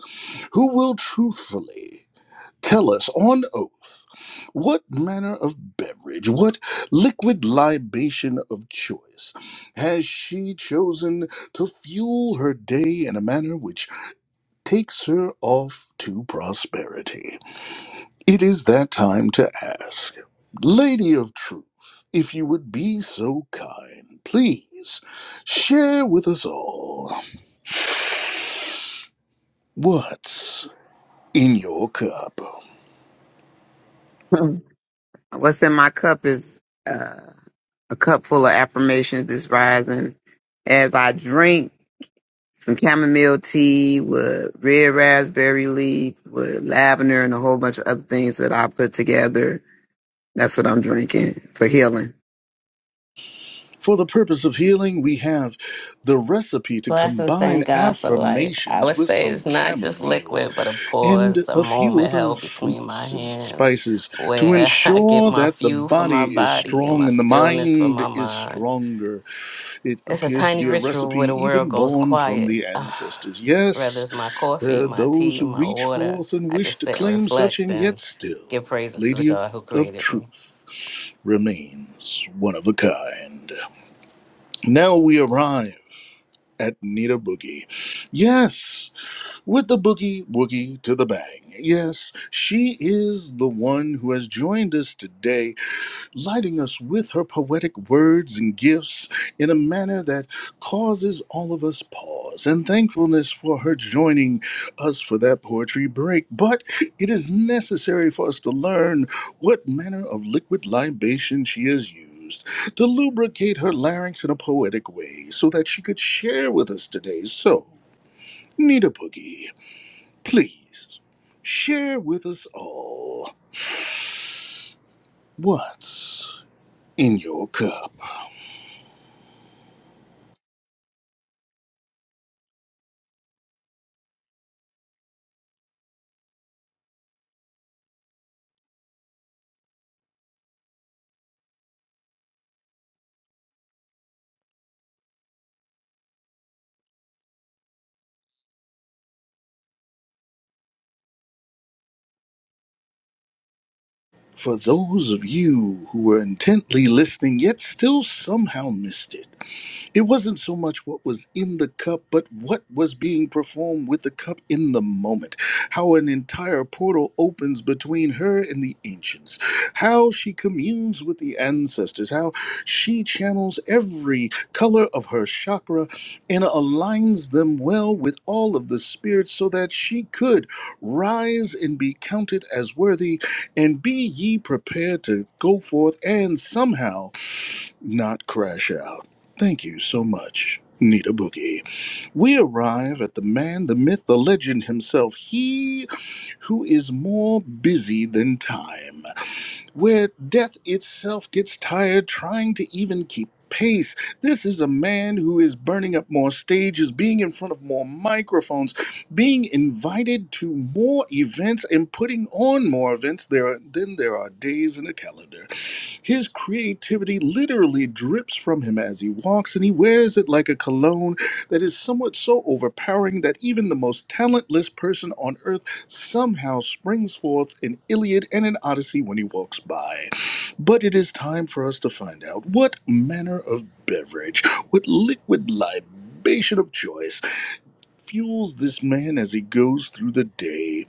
who will truthfully tell us on oath what manner of beverage, what liquid libation of choice has she chosen to fuel her day in a manner which takes her off to prosperity. It is that time to ask. Lady of Truth, if you would be so kind, please share with us all what's in your cup. What's in my cup is uh, a cup full of affirmations this rising. As I drink some chamomile tea with red raspberry leaf, with lavender, and a whole bunch of other things that I put together, that's what I'm drinking for healing. For the purpose of healing, we have the recipe to Blessings, combine thank God for life. I affirmations would with say it's some not just chamomile liquid, but a pause, and a a few moment other held between my fruits and hands, spices to where I get ensure my that the fuel for my body is body and strong my and the stillness for mind my is mind. stronger It It's a appears to tiny be a ritual where recipe the world even goes born from quiet. the ancestors. whether Yes, it's my coffee, there are my those tea, who my reach water. forth and I wish just to sit and claim such, reflect and yet and still, give praises to the Lady of, God who of created me. Truth remains one of a kind. Now we arrive at Nita Boogie. Yes, with the boogie woogie to the bang. Yes, she is the one who has joined us today lighting us with her poetic words and gifts in a manner that causes all of us pause and thankfulness for her joining us for that poetry break. But it is necessary for us to learn what manner of liquid libation she has used to lubricate her larynx in a poetic way so that she could share with us today. So, Nita Boogie, please share with us all what's in your cup. For those of you who were intently listening yet still somehow missed it, it wasn't so much what was in the cup, but what was being performed with the cup in the moment. How an entire portal opens between her and the ancients. How she communes with the ancestors. How she channels every color of her chakra and aligns them well with all of the spirits so that she could rise and be counted as worthy. And be ye prepared to go forth and somehow not crash out. Thank you so much, Nita Boogie. We arrive at the man, the myth, the legend himself, he who is more busy than time where death itself gets tired trying to even keep pace. This is a man who is burning up more stages, being in front of more microphones, being invited to more events and putting on more events there are- than there are days in a calendar. His creativity literally drips from him as he walks and he wears it like a cologne that is somewhat so overpowering that even the most talentless person on earth somehow springs forth an Iliad and an Odyssey when he walks by. But it is time for us to find out what manner of beverage, what liquid libation of choice, fuels this man as he goes through the day.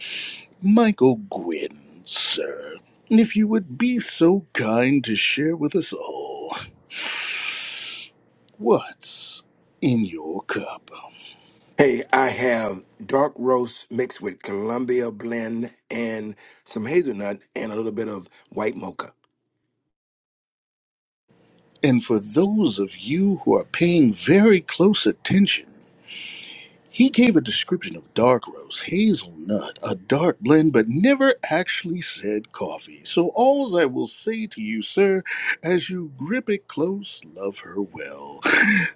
Michael Gwynn, sir, if you would be so kind to share with us all what's in your cup. Hey, I have dark roast mixed with Columbia blend and some hazelnut and a little bit of white mocha. And for those of you who are paying very close attention, He gave a description of dark roast, hazelnut, a dark blend, but never actually said coffee. So, alls I will say to you, sir, as you grip it close, love her well.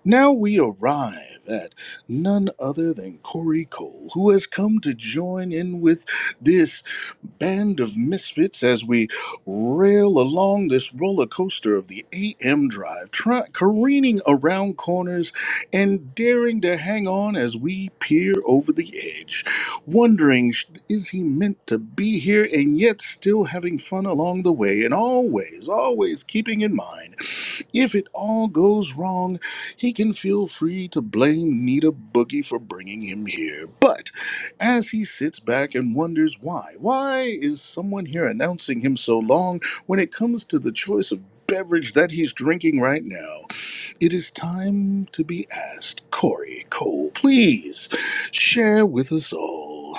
Now we arrive at none other than Corey Cole, who has come to join in with this band of misfits as we rail along this roller coaster of the AM drive, tra- careening around corners and daring to hang on as we peer over the edge, wondering sh- is he meant to be here and yet still having fun along the way, and always, always keeping in mind if it all goes wrong, he can feel free to blame Nita Boogie for bringing him here. But as he sits back and wonders why, why is someone here announcing him so long when it comes to the choice of beverage that he's drinking right now? It is time to be asked. Corey Cole, please share with us all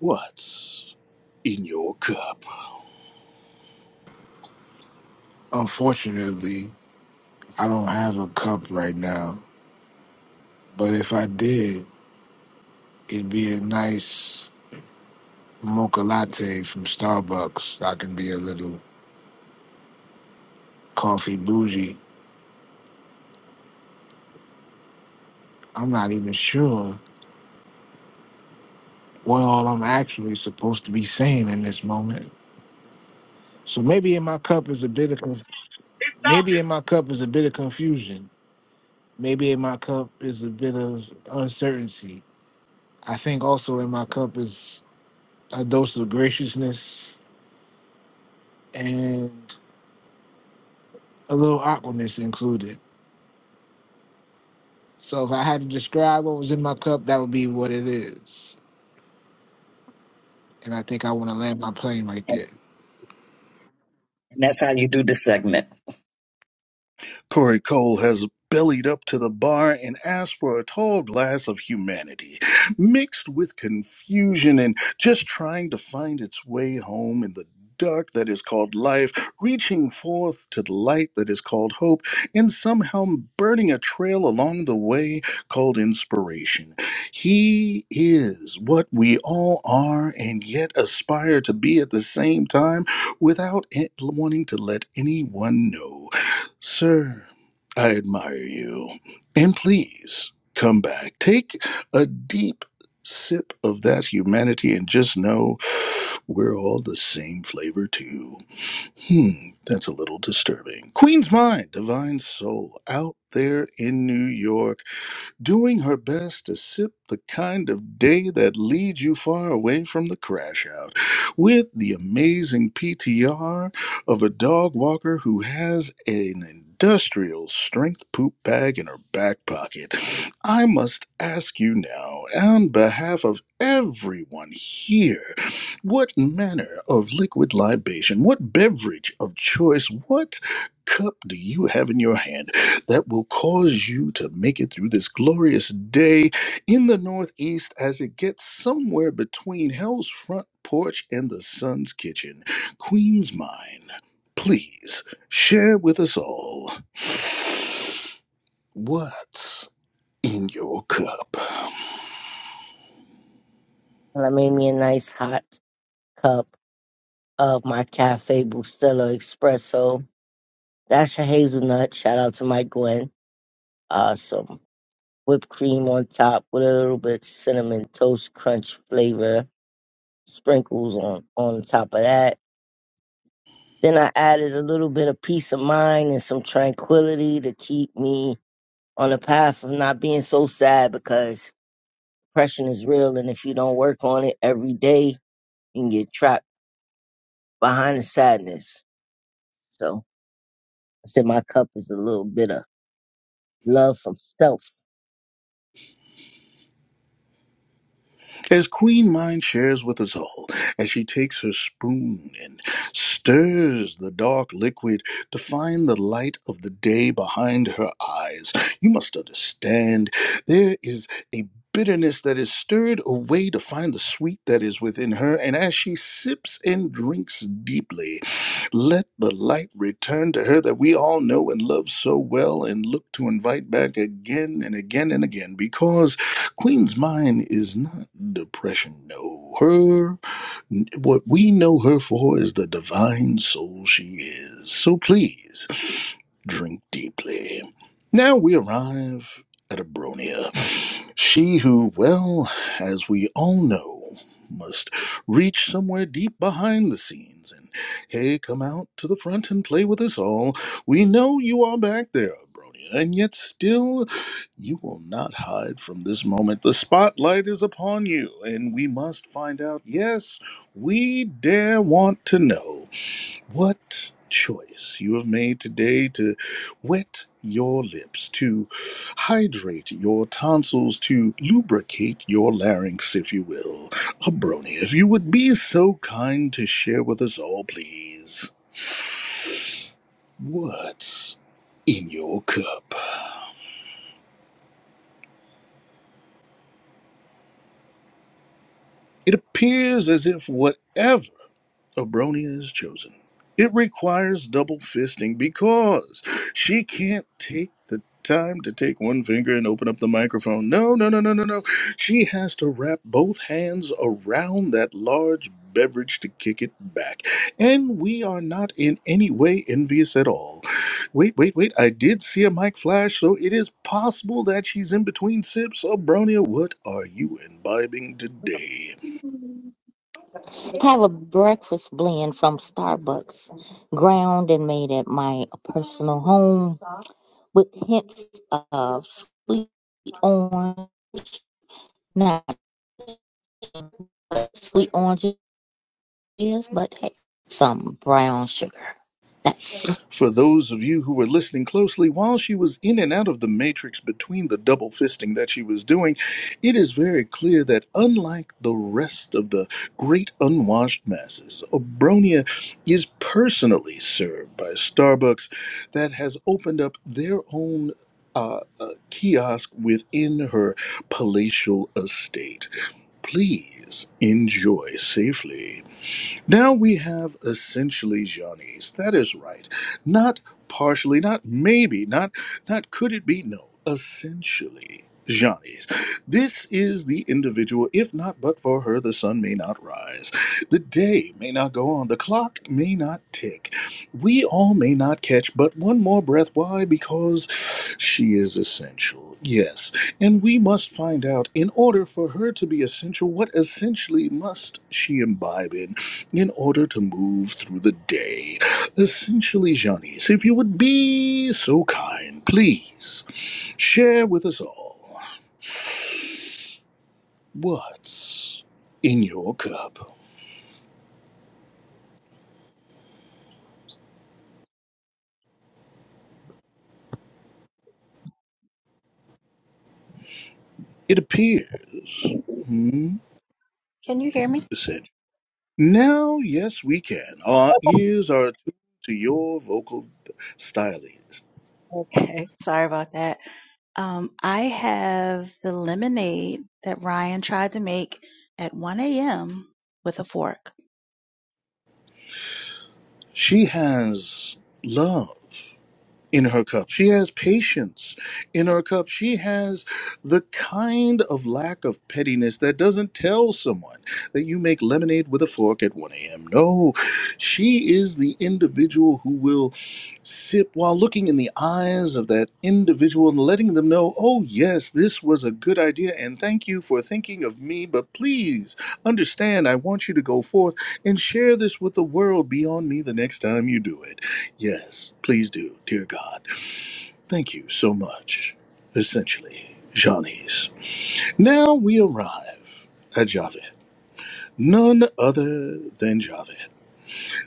what's in your cup. Unfortunately, I don't have a cup right now, but if I did, it'd be a nice mocha latte from Starbucks. I can be a little coffee bougie. I'm not even sure what all I'm actually supposed to be saying in this moment. So maybe in my cup is a bit of conf- maybe in my cup is a bit of confusion. Maybe in my cup is a bit of uncertainty. I think also in my cup is a dose of graciousness and a little awkwardness included. So if I had to describe what was in my cup, that would be what it is. And I think I want to land my plane right there. And that's how you do the segment. Corey Cole has bellied up to the bar and asked for a tall glass of humanity, mixed with confusion and just trying to find its way home in the dark that is called life, reaching forth to the light that is called hope, and somehow burning a trail along the way called inspiration. He is what we all are and yet aspire to be at the same time without it wanting to let anyone know. Sir, I admire you. And please come back. Take a deep sip of that humanity and just know we're all the same flavor, too. Hmm, that's a little disturbing. Queen's Mind, Divine Soul, out there in New York doing her best to sip the kind of day that leads you far away from the crash out, with the amazing PTR of a dog walker who has an industrial strength poop bag in her back pocket. I must ask you now, on behalf of everyone here, what manner of liquid libation, what beverage of choice, what cup do you have in your hand? that will cause you to make it through this glorious day in the Northeast as it gets somewhere between hell's front porch and the sun's kitchen. Queen's Mine, please share with us all what's in your cup. And I made me a nice hot cup of my Cafe Bustelo Espresso That's a hazelnut. Shout out to Mike Gwen. Uh, some whipped cream on top with a little bit cinnamon toast crunch flavor sprinkles on on top of that. Then I added a little bit of peace of mind and some tranquility to keep me on the path of not being so sad because depression is real and if you don't work on it every day, you can get trapped behind the sadness. So I said my cup is a little bit of love from self. as Queen Mind shares with us all, as she takes her spoon and stirs the dark liquid to find the light of the day behind her eyes, you must understand there is a bitterness that is stirred away to find the sweet that is within her, and as she sips and drinks deeply, let the light return to her that we all know and love so well and look to invite back again and again and again because Queen's mind is not depression. No, her what we know her for is the divine soul she is. So please, drink deeply. Now we arrive at Abronia. She who, well, as we all know, must reach somewhere deep behind the scenes and, hey, come out to the front and play with us all. We know you are back there, Abronia, and yet still you will not hide from this moment. The spotlight is upon you, and we must find out, yes. We dare want to know what choice you have made today to wet your lips, to hydrate your tonsils, to lubricate your larynx, if you will. A brony, if you would be so kind to share with us all, please. What's in your cup? It appears as if whatever Obronia is chosen. It requires double fisting because she can't take the time to take one finger and open up the microphone. No, no, no, no, no, no. She has to wrap both hands around that large beverage to kick it back. And we are not in any way envious at all. Wait, wait, wait. I did see a mic flash, so it is possible that she's in between sips. Obronia, what are you imbibing today? Have a breakfast blend from Starbucks, ground and made at my personal home with hints of sweet orange, not what sweet orange is, but hey, some brown sugar. That's sweet. For those of you who were listening closely, while she was in and out of the matrix between the double fisting that she was doing, it is very clear that unlike the rest of the great unwashed masses, Obronia is personally served by Starbucks that has opened up their own. Uh, uh, kiosk within her palatial estate. Please enjoy safely. Now we have essentially Johnny's. That is right. Not partially, not maybe, not not could it be? No, essentially Johnny's. This is the individual, if not but for her, the sun may not rise. The day may not go on. The clock may not tick. We all may not catch but one more breath. Why? Because she is essential. Yes. And we must find out, in order for her to be essential, what essentially must she imbibe in? in order to move through the day. Essentially, Janice, if you would be so kind, please share with us all what's in your cup. It appears, hmm, Can you hear me? said, now, yes, we can. Our ears are attuned to your vocal stylings. Okay. Sorry about that. Um, I have the lemonade that Ryan tried to make at 1 a.m. with a fork. She has love in her cup. She has patience in her cup. She has the kind of lack of pettiness that doesn't tell someone that you make lemonade with a fork at 1 a.m. No, she is the individual who will sip while looking in the eyes of that individual and letting them know, oh, yes, this was a good idea and thank you for thinking of me, but please understand, I want you to go forth and share this with the world beyond me the next time you do it. Yes, please do, dear God. Thank you so much. Essentially, Johnny's. Now we arrive at Javed. None other than Javed.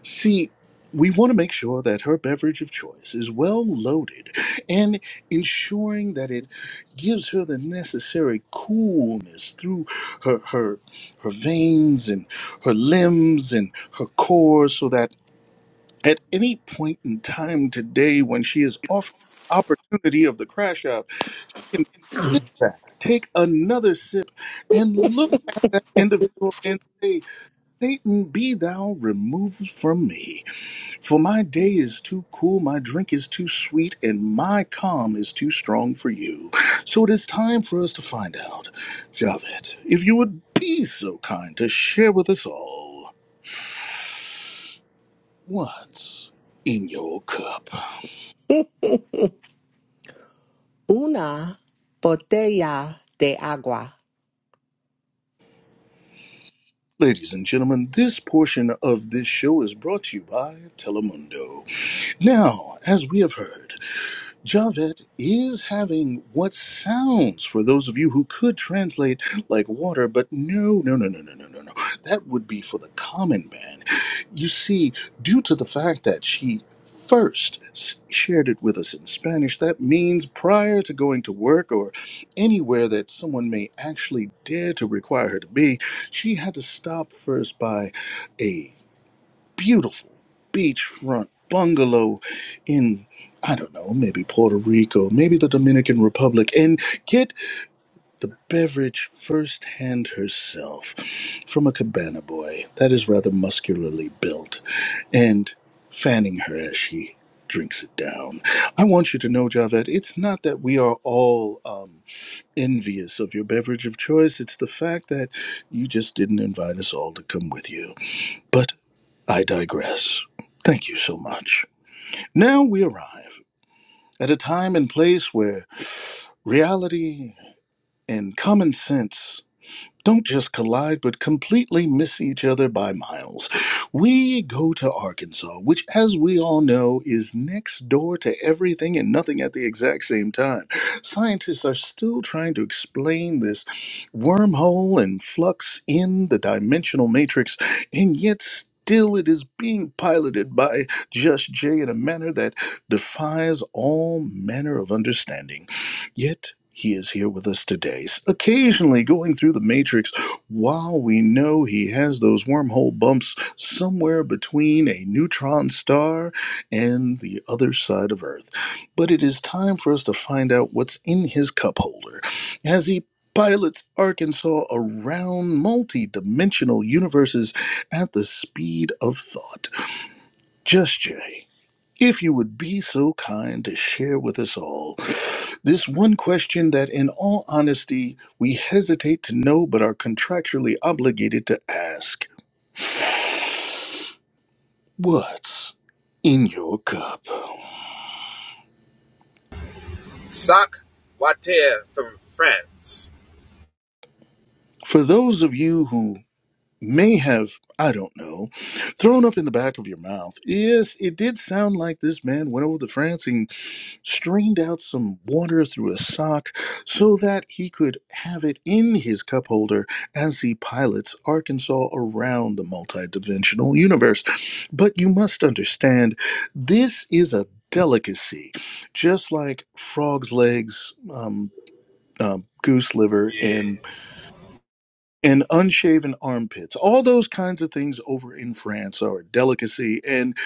See, we want to make sure that her beverage of choice is well loaded and ensuring that it gives her the necessary coolness through her her her veins and her limbs and her core so that at any point in time today when she is offered the opportunity of the crash out, she can sit back, take another sip, and look at that individual and say, Satan, be thou removed from me. For my day is too cool, my drink is too sweet, and my calm is too strong for you. So it is time for us to find out, Javed, if you would be so kind to share with us all what's in your cup. una botella de agua. Ladies and gentlemen, this portion of this show is brought to you by Telemundo. Now, as we have heard, Javed is having what sounds, for those of you who could translate like water, but no, no, no, no, no, no, no, no. That would be for the common man. You see, due to the fact that she first s- shared it with us in Spanish, that means prior to going to work or anywhere that someone may actually dare to require her to be, she had to stop first by a beautiful beachfront bungalow in, I don't know, maybe Puerto Rico, maybe the Dominican Republic, and get the beverage firsthand herself from a cabana boy that is rather muscularly built and fanning her as she drinks it down. I want you to know, Javed, it's not that we are all um, envious of your beverage of choice. It's the fact that you just didn't invite us all to come with you. But I digress. Thank you so much. Now we arrive at a time and place where reality and common sense don't just collide, but completely miss each other by miles. We go to Arkansas, which, as we all know, is next door to everything and nothing at the exact same time. Scientists are still trying to explain this wormhole and flux in the dimensional matrix, and yet still it is being piloted by Just Jay in a manner that defies all manner of understanding. Yet he is here with us today, occasionally going through the matrix while we know he has those wormhole bumps somewhere between a neutron star and the other side of Earth. But it is time for us to find out what's in his cup holder as he pilots Arkansas around multi dimensional universes at the speed of thought. Just Jay. If you would be so kind to share with us all this one question that, in all honesty, we hesitate to know but are contractually obligated to ask What's in your cup? Sock Water from France. For those of you who may have, I don't know, thrown up in the back of your mouth. Yes, it did sound like this man went over to France and strained out some water through a sock so that he could have it in his cup holder as he pilots Arkansas around the multidimensional universe. But you must understand, this is a delicacy, just like frog's legs, um, um, goose liver, and Yes. and unshaven armpits. All those kinds of things over in France are a delicacy. And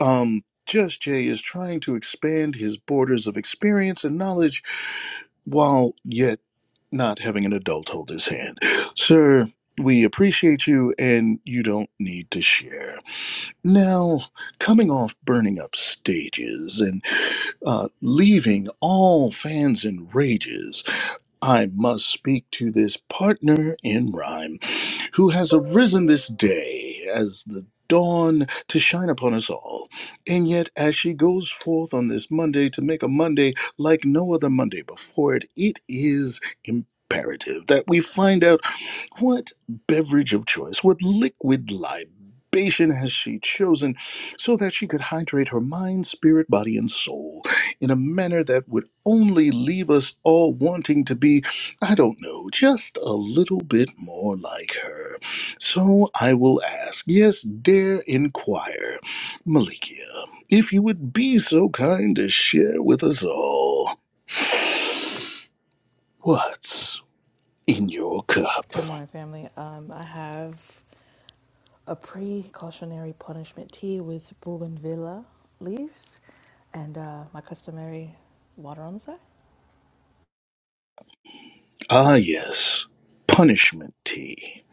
um, Just Jay is trying to expand his borders of experience and knowledge while yet not having an adult hold his hand. Sir, we appreciate you and you don't need to share. Now, coming off burning up stages and uh, leaving all fans in rages, I must speak to this partner in rhyme who has arisen this day as the dawn to shine upon us all. And yet, as she goes forth on this Monday to make a Monday like no other Monday before it, it is imperative that we find out. What beverage of choice, what liquid libation has she chosen so that she could hydrate her mind, spirit, body, and soul in a manner that would only leave us all wanting to be, I don't know, just a little bit more like her? So I will ask, yes, dare inquire, Malikia, if you would be so kind to share with us all what's in your cup. Good morning, family. Um, I have a precautionary punishment tea with bougainvillea leaves and uh, my customary water on the side. Ah, yes, punishment tea.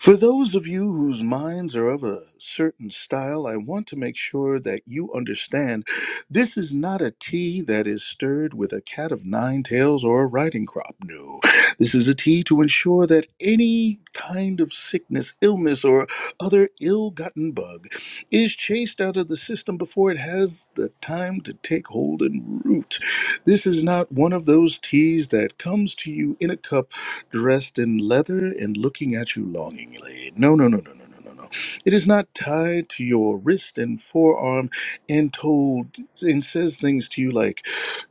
For those of you whose minds are of a certain style, I want to make sure that you understand this is not a tea that is stirred with a cat of nine tails or a riding crop. No, this is a tea to ensure that any kind of sickness, illness, or other ill gotten bug is chased out of the system before it has the time to take hold and root. This is not one of those teas that comes to you in a cup, dressed in leather and looking at you longingly. No, no, no, no, no, no, no, no. It is not tied to your wrist and forearm and told and says things to you like,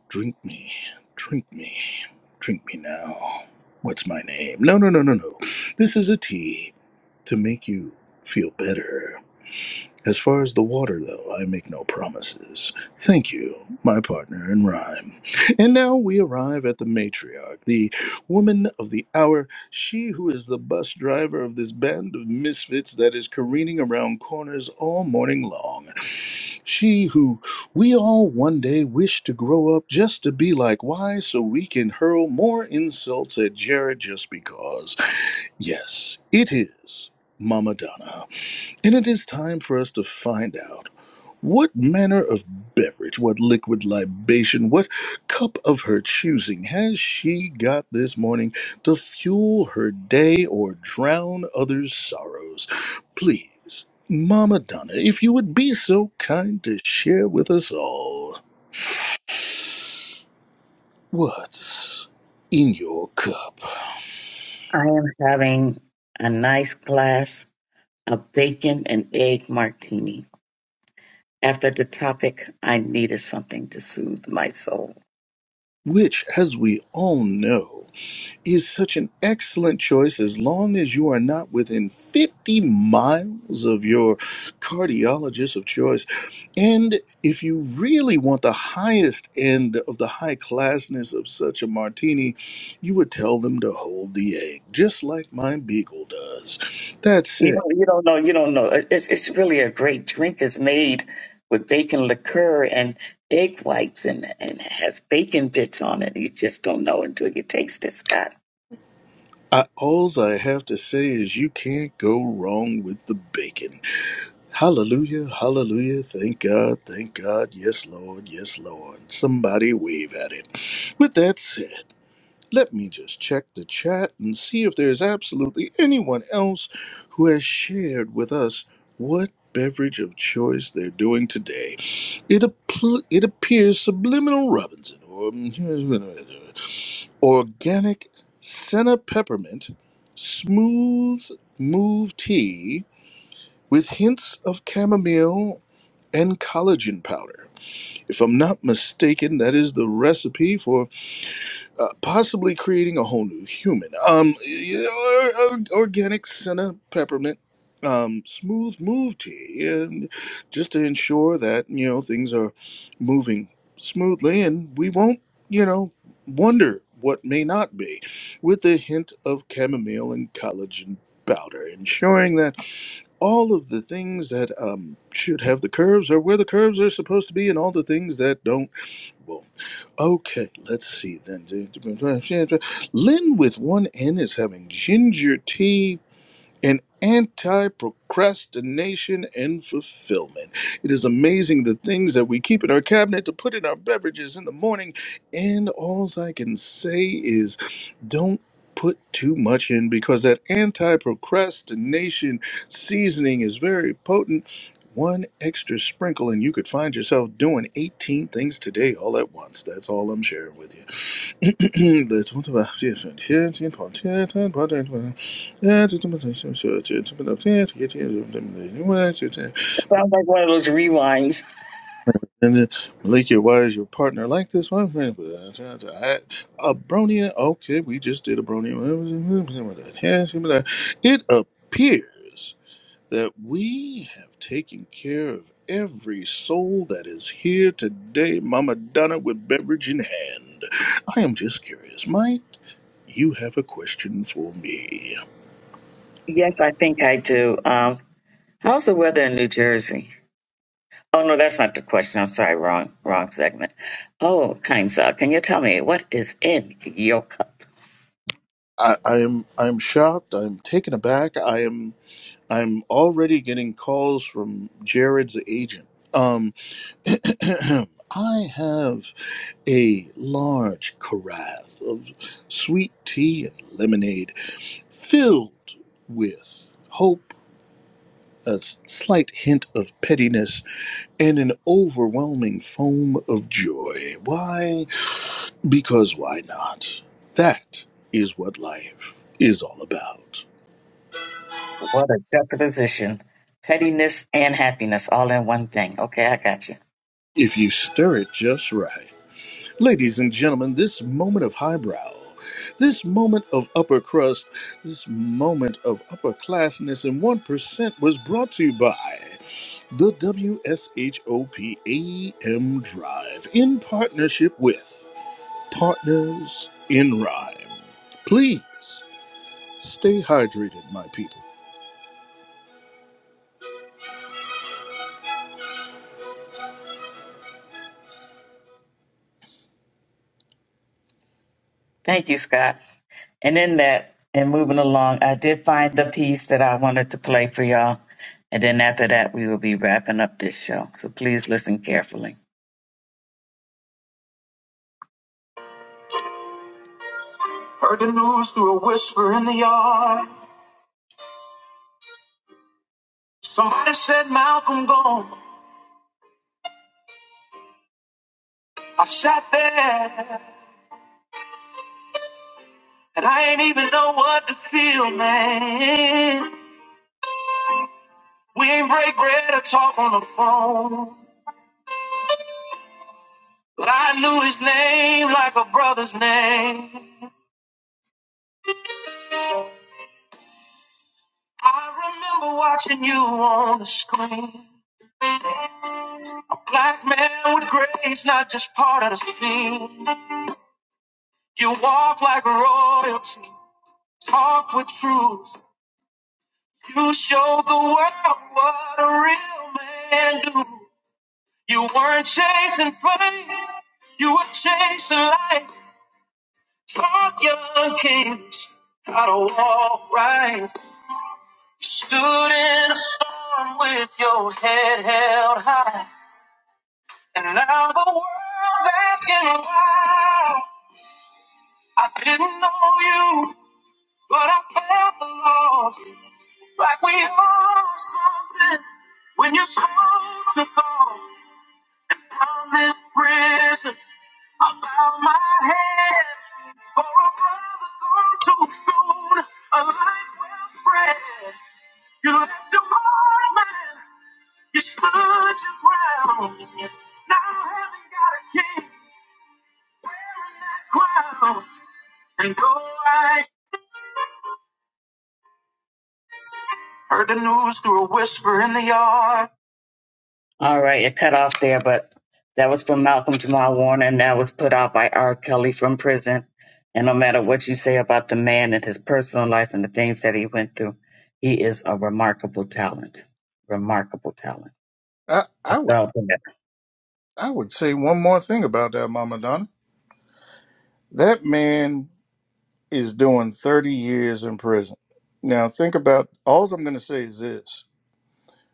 drink me, drink me, drink me now. What's my name? No, no, no, no, no. This is a tea to make you feel better as far as the water, though, I make no promises. Thank you, my partner in rhyme. And now we arrive at the matriarch, the woman of the hour, she who is the bus driver of this band of misfits that is careening around corners all morning long. She who we all one day wish to grow up just to be like Why, so we can hurl more insults at Jared just because. Yes, it is Mama Donna. And it is time for us to find out what manner of beverage, what liquid libation, what cup of her choosing has she got this morning to fuel her day or drown others' sorrows. Please, Mama Donna, if you would be so kind to share with us all what's in your cup, I am having a nice glass of bacon and egg martini. After the topic, I needed something to soothe my soul. which, as we all know, is such an excellent choice as long as you are not within 50 miles of your cardiologist of choice. And if you really want the highest end of the high classness of such a martini, you would tell them to hold the egg, just like my beagle does. That's You it. don't, you don't know. You don't know. It- It's it's really a great drink. It's made with bacon liqueur and egg whites, and and it has bacon bits on it. You just don't know until you taste it, Scott. I, alls I have to say is you can't go wrong with the bacon. Hallelujah, hallelujah. Thank God, thank God. Yes, Lord, yes, Lord. Somebody wave at it. With that said, let me just check the chat and see if there's absolutely anyone else who has shared with us what beverage of choice they're doing today. It, appl it appears Subliminal Robinson or organic senna peppermint smooth move tea with hints of chamomile and collagen powder. If I'm not mistaken, that is the recipe for uh, possibly creating a whole new human. Um, you know, or- or- organic senna peppermint. Um, smooth move tea, and just to ensure that you know things are moving smoothly, and we won't, you know, wonder what may not be, with a hint of chamomile and collagen powder, ensuring that all of the things that um, should have the curves are where the curves are supposed to be, and all the things that don't. Well, okay, let's see then. Lynn with one N is having ginger tea and anti procrastination and fulfillment. It is amazing the things that we keep in our cabinet to put in our beverages in the morning. And all I can say is don't put too much in because that anti procrastination seasoning is very potent. One extra sprinkle, and you could find yourself doing 18 things today all at once. That's all I'm sharing with you. 네, 정답 앞뒤에 현진 번째 단 번째 번. 예, 지금 먼저 쇼쇼 지금 앞에 뒤에 뒤에 좀 되는데. 이거는 진짜. It sounds like one of those rewinds. And then, Malika, why is your partner like this one? I, a bronian. Okay, we just did a bronian. It appears that we have taken care of every soul that is here today, Mama Donna, with beverage in hand. I am just curious, Mike. you have a question for me. Yes, I think I do. Um, how's the weather in New Jersey? Oh no, that's not the question. I'm sorry, wrong wrong segment. Oh, kind sir, can you tell me what is in your cup? I, I am I'm shocked. I'm taken aback. I am I'm already getting calls from Jared's agent. Um, I have a large carafe of sweet tea and lemonade filled with hope, a slight hint of pettiness, and an overwhelming foam of joy. Why? Because why not? That is what life is all about. What a juxtaposition, pettiness and happiness all in one thing. Okay, I got you. If you stir it just right. Ladies and gentlemen, this moment of highbrow, this moment of upper crust, this moment of upperclassness and 1% was brought to you by the W S H O P A M Drive in partnership with Partners in Rhyme. Please stay hydrated, my people. Thank you, Scott. And in that, and moving along, I did find the piece that I wanted to play for y'all. And then after that, we will be wrapping up this show. So please listen carefully. What to feel, man. We ain't break bread or talk on the phone. But I knew his name like a brother's name. I remember watching you on the screen. A black man with grace, not just part of the scene. You walk like royalty. Talk with truth. You show the world what a real man do. You weren't chasing fame, you were chasing life. Talk young kings how to walk right. You stood in a storm with your head held high. And now the world's asking why. I didn't know you, but I felt the loss. Like we owe something when your soul to go. And from this prison, I bow my head. For a brother gone too soon, a life well spread. You left your mark, man. You stood your ground. Now heaven got a king wearing that crown. And though I heard the news through a whisper in the yard. All right, it cut off there, but that was from Malcolm Jamal Warner, and that was put out by R. Kelly from prison. And no matter what you say about the man and his personal life and the things that he went through, he is a remarkable talent. Remarkable talent. I, I I was felt that. I would say one more thing about that, Mama Donna. That man is doing 30 years in prison. Now, think about all I'm going to say is this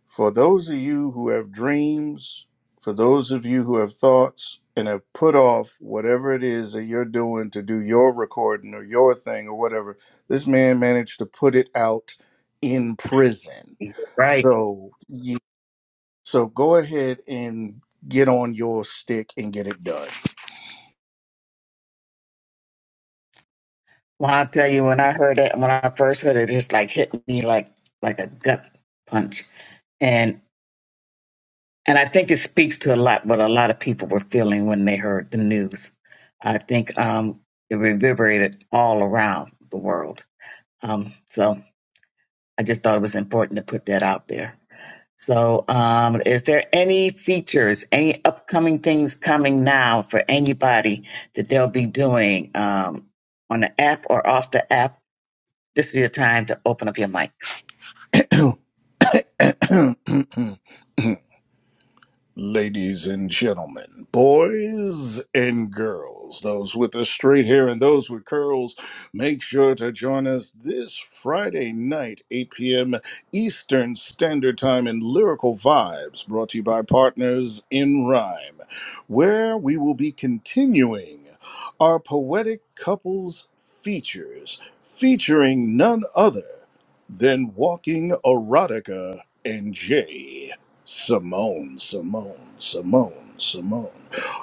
for those of you who have dreams, for those of you who have thoughts and have put off whatever it is that you're doing to do your recording or your thing or whatever, this man managed to put it out in prison. Right. So, yeah, so go ahead and get on your stick and get it done. Well, I'll tell you, when I heard it, when I first heard it, it just like hit me like like a gut punch. And I think it speaks to a lot what a lot of people were feeling when they heard the news. I think um, it reverberated all around the world. Um, so I just thought it was important to put that out there. So, um, is there any features, any upcoming things coming now for anybody that they'll be doing um, on the app or off the app? This is your time to open up your mic. ladies and gentlemen, boys and girls, those with the straight hair and those with curls, make sure to join us this Friday night, 8 p.m. Eastern Standard Time in Lyrical Vibes, brought to you by Partners in Rhyme, where we will be continuing our poetic couples features, featuring none other than Walking Erotica and Jay. Simone, Simone, Simone, Simone.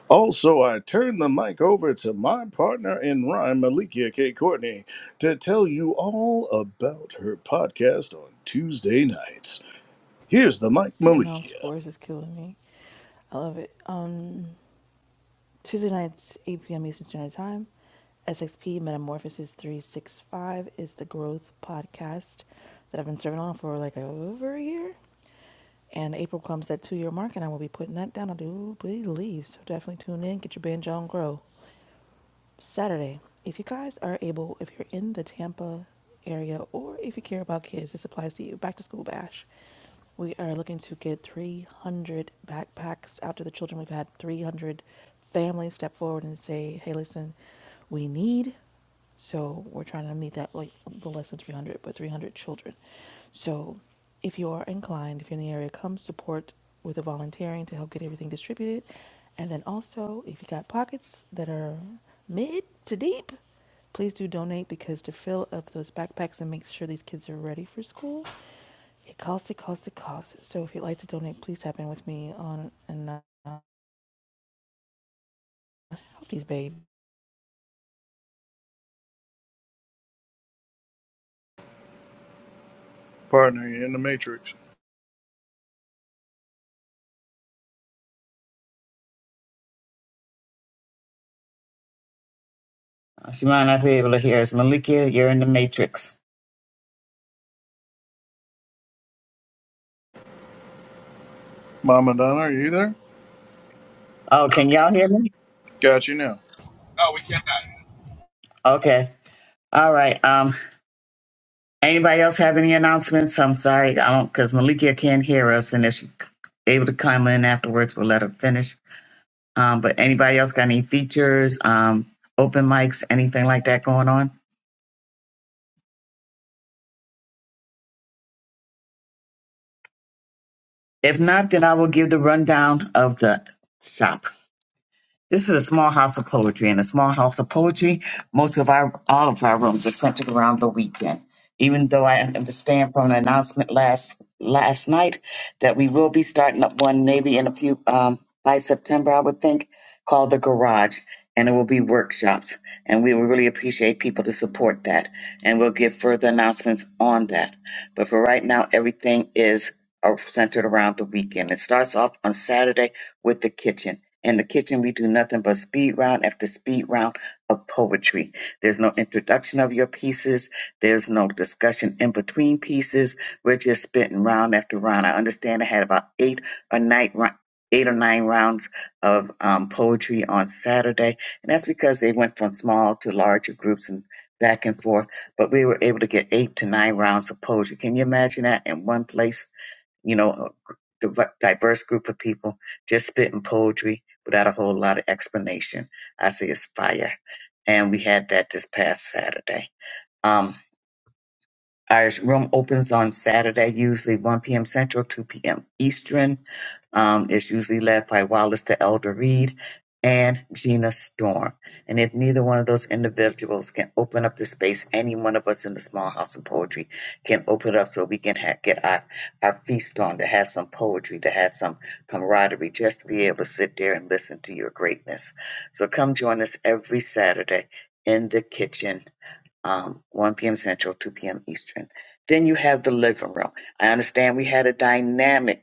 Also, I turn the mic over to my partner in rhyme, Malikia K. Courtney, to tell you all about her podcast on Tuesday nights. Here's the mic, The announced Malikia. words is killing me. I love it. Um, Tuesday nights, 8 p.m. Eastern Standard Time. SXP Metamorphosis 365 is the growth podcast that I've been serving on for like over a year. And April comes that two year mark, and I will be putting that down. I do believe. So definitely tune in, get your binge on, grow. Saturday. If you guys are able, if you're in the Tampa area or if you care about kids, this applies to you. Back to school bash. We are looking to get 300 backpacks out to the children. We've had 300 families step forward and say, hey, listen, we need so we're trying to meet that like the less than 300, but 300 children. So if you are inclined, if you're in the area, come support with the volunteering to help get everything distributed. And then also, if you got pockets that are mid to deep, please do donate because to fill up those backpacks and make sure these kids are ready for school, it costs, it costs, it costs. So if you'd like to donate, please tap in with me on and uh, Hokies, babe. Partner, you're in the Matrix. Uh, She might not be able to hear us. Malika, you're in the matrix. Mama Donna, are you there? Oh, can y'all hear me? Got you now. No, we cannot. Okay. All right. Um, anybody else have any announcements? I'm sorry, I don't, because Malikia can't hear us, and if she's able to come in afterwards, we'll let her finish. Um, but anybody else got any features, um, open mics, anything like that going on? If not, then I will give the rundown of the shop. This is a small house of poetry, and a small house of poetry, most of our all of our rooms are centered around the weekend. Even though I understand from an announcement last last night that we will be starting up one maybe in a few um, by September, I would think, called the Garage, and it will be workshops, and we will really appreciate people to support that, and we'll give further announcements on that. But for right now, everything is uh, centered around the weekend. It starts off on Saturday with the kitchen in the kitchen, we do nothing but speed round after speed round of poetry. There's no introduction of your pieces. There's no discussion in between pieces. We're just spitting round after round. I understand I had about eight or nine, rou- eight or nine rounds of um, poetry on Saturday, and that's because they went from small to larger groups and back and forth. But we were able to get eight to nine rounds of poetry. Can you imagine that in one place? you know, a diverse group of people just spitting poetry without a whole lot of explanation. I say it's fire. And we had that this past Saturday. Um, our room opens on Saturday, usually 1 p.m. Central, 2 p.m. Eastern. Um, it's usually led by Wallace the Elder Reed and Gina Storm. And if neither one of those individuals can open up the space, any one of us in the small house of poetry can open it up so we can ha- get our, our feast on to have some poetry, to have some camaraderie, just to be able to sit there and listen to your greatness. So come join us every Saturday in the kitchen um, 1 p.m. Central, 2 p.m. Eastern. Then you have the living room. I understand we had a dynamic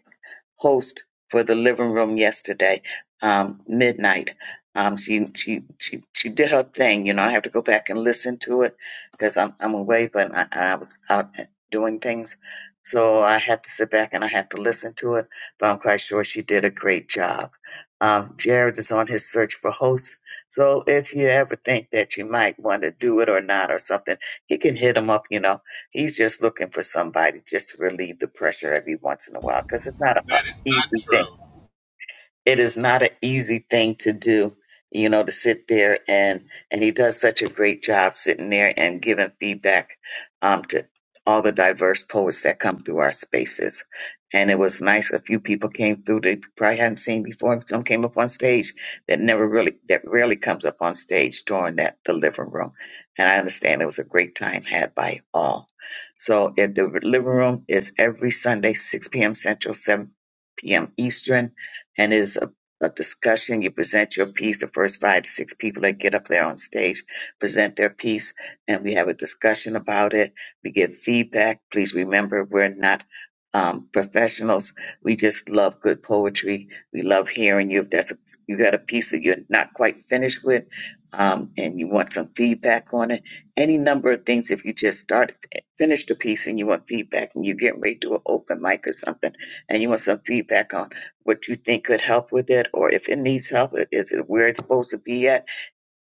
host for the living room yesterday, um, midnight. Um, she she she she did her thing. You know, I have to go back and listen to it because I'm I'm away, but I, I was out uh, doing things, so I have to sit back and I have to listen to it. But I'm quite sure she did a great job. Um, Jared is on his search for hosts, so if you ever think that you might want to do it or not or something, he can hit him up. You know, he's just looking for somebody just to relieve the pressure every once in a while because it's not a That is He's not the thing true. it is not an easy thing to do you know to sit there and and he does such a great job sitting there and giving feedback um to all the diverse poets that come through our spaces and it was nice a few people came through they probably hadn't seen before some came up on stage that never really that rarely comes up on stage during that the living room and i understand it was a great time had by all so if the living room is every sunday 6 p.m central 7 p.m eastern and it's a, a discussion. You present your piece, the first five to six people that get up there on stage present their piece, and we have a discussion about it. We give feedback. Please remember, we're not um, professionals. We just love good poetry. We love hearing you. If that's a, you got a piece that you're not quite finished with, um, and you want some feedback on it, any number of things. If you just start finish the piece and you want feedback, and you're getting ready to do an open mic or something, and you want some feedback on what you think could help with it, or if it needs help, i- is it where it's supposed to be at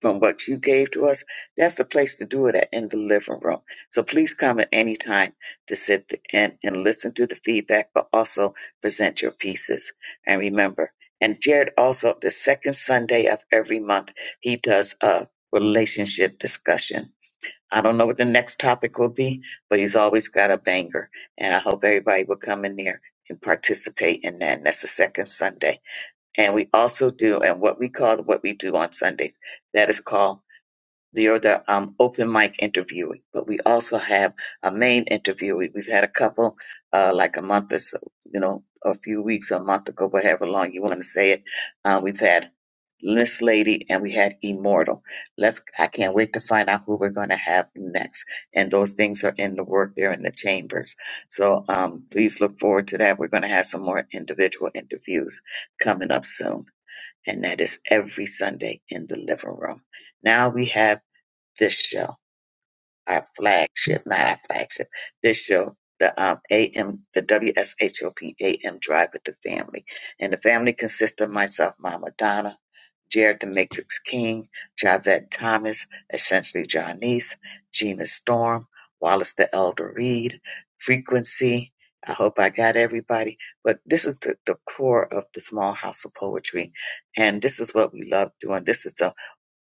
from what you gave to us? That's the place to do it at in the living room. So please come at any time to sit th- and, and listen to the feedback, but also present your pieces. And remember, and Jared also, the second Sunday of every month, he does a relationship discussion. I don't know what the next topic will be, but he's always got a banger. And I hope everybody will come in there and participate in that. And that's the second Sunday and we also do and what we call what we do on Sundays that is called the or the um, open mic interviewing. But we also have a main interviewee. We've had a couple uh, like a month or so, you know, a few weeks, a month ago, whatever long you want to say it. Uh, we've had this lady and we had immortal let's i can't wait to find out who we're going to have next and those things are in the work they're in the chambers so um please look forward to that we're going to have some more individual interviews coming up soon and that is every Sunday in the living room. Now we have this show our flagship, not our flagship, this show, the um, AM, the W S H O P A M, Drive with the Family. And the family consists of myself, Mama Donna, Jared the Matrix King, Javette Thomas, essentially Johnnice, Gina Storm, Wallace the Elder Reed, Frequency. I hope I got everybody. But this is the, the core of the small house of poetry. And this is what we love doing. This is the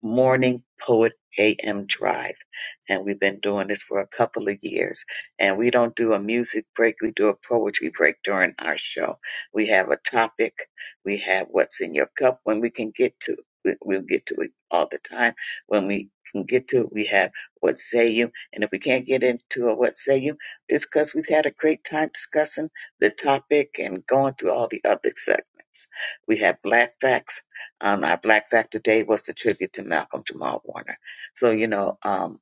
Morning Poet AM Drive. And we've been doing this for a couple of years. And we don't do a music break, we do a poetry break during our show. We have a topic, we have what's in your cup when we can get to we- We'll get to it all the time. When we can get to it, we have what say you. And if we can't get into a what say you, it's because we've had a great time discussing the topic and going through all the other segments. We have Black Facts um, our Black Factor Day was the tribute to Malcolm Jamal Warner. So, you know, um,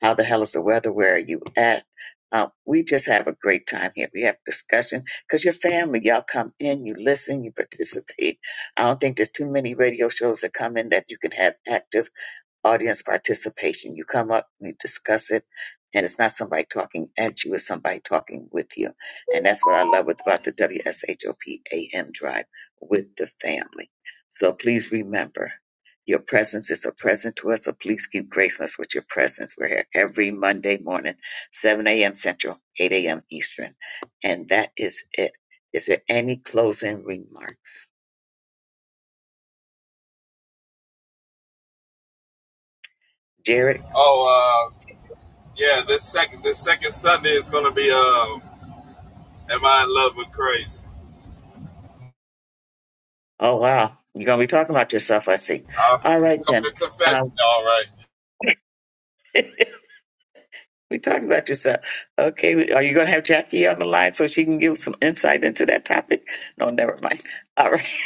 how the hell is the weather? Where are you at? Uh, we just have a great time here. We have discussion because your family, y'all come in, you listen, you participate. I don't think there's too many radio shows that come in that you can have active audience participation. You come up, you discuss it, and it's not somebody talking at you, it's somebody talking with you. And that's what I love about the WSHOPAM drive with the family. So please remember, your presence is a present to us, so please keep gracing us with your presence. We're here every Monday morning, 7 a.m. Central, 8 a.m. Eastern. And that is it. Is there any closing remarks? Jared? Oh, uh, yeah. This second, this second Sunday is gonna be. Um, Am I in love with crazy? Oh wow, you're gonna be talking about yourself, I see. Uh, All it's right gonna be a then. confession. Um, All right. we talking about yourself. Okay, are you gonna have Jackie on the line so she can give some insight into that topic? No, never mind. All right,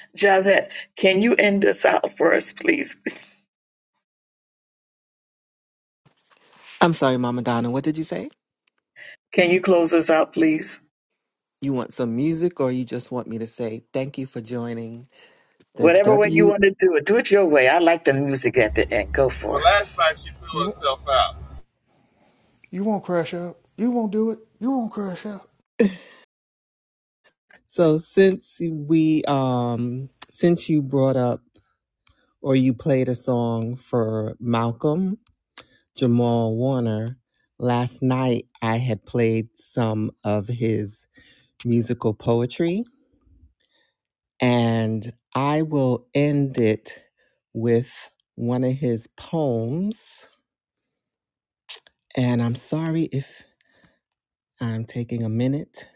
Javette, can you end us out for us, please? I'm sorry, Mama Donna. What did you say? Can you close us out, please? You want some music, or you just want me to say thank you for joining the Whatever way you W? want to do it, do it your way. I like the music at the end. Go Well, for it. last night she blew You won't. herself out. You won't crash out. You won't do it. You won't crash out. So since we um since you brought up or you played a song for Malcolm Jamal Warner last night, I had played some of his musical poetry, and I will end it with one of his poems And I'm sorry if I'm taking a minute.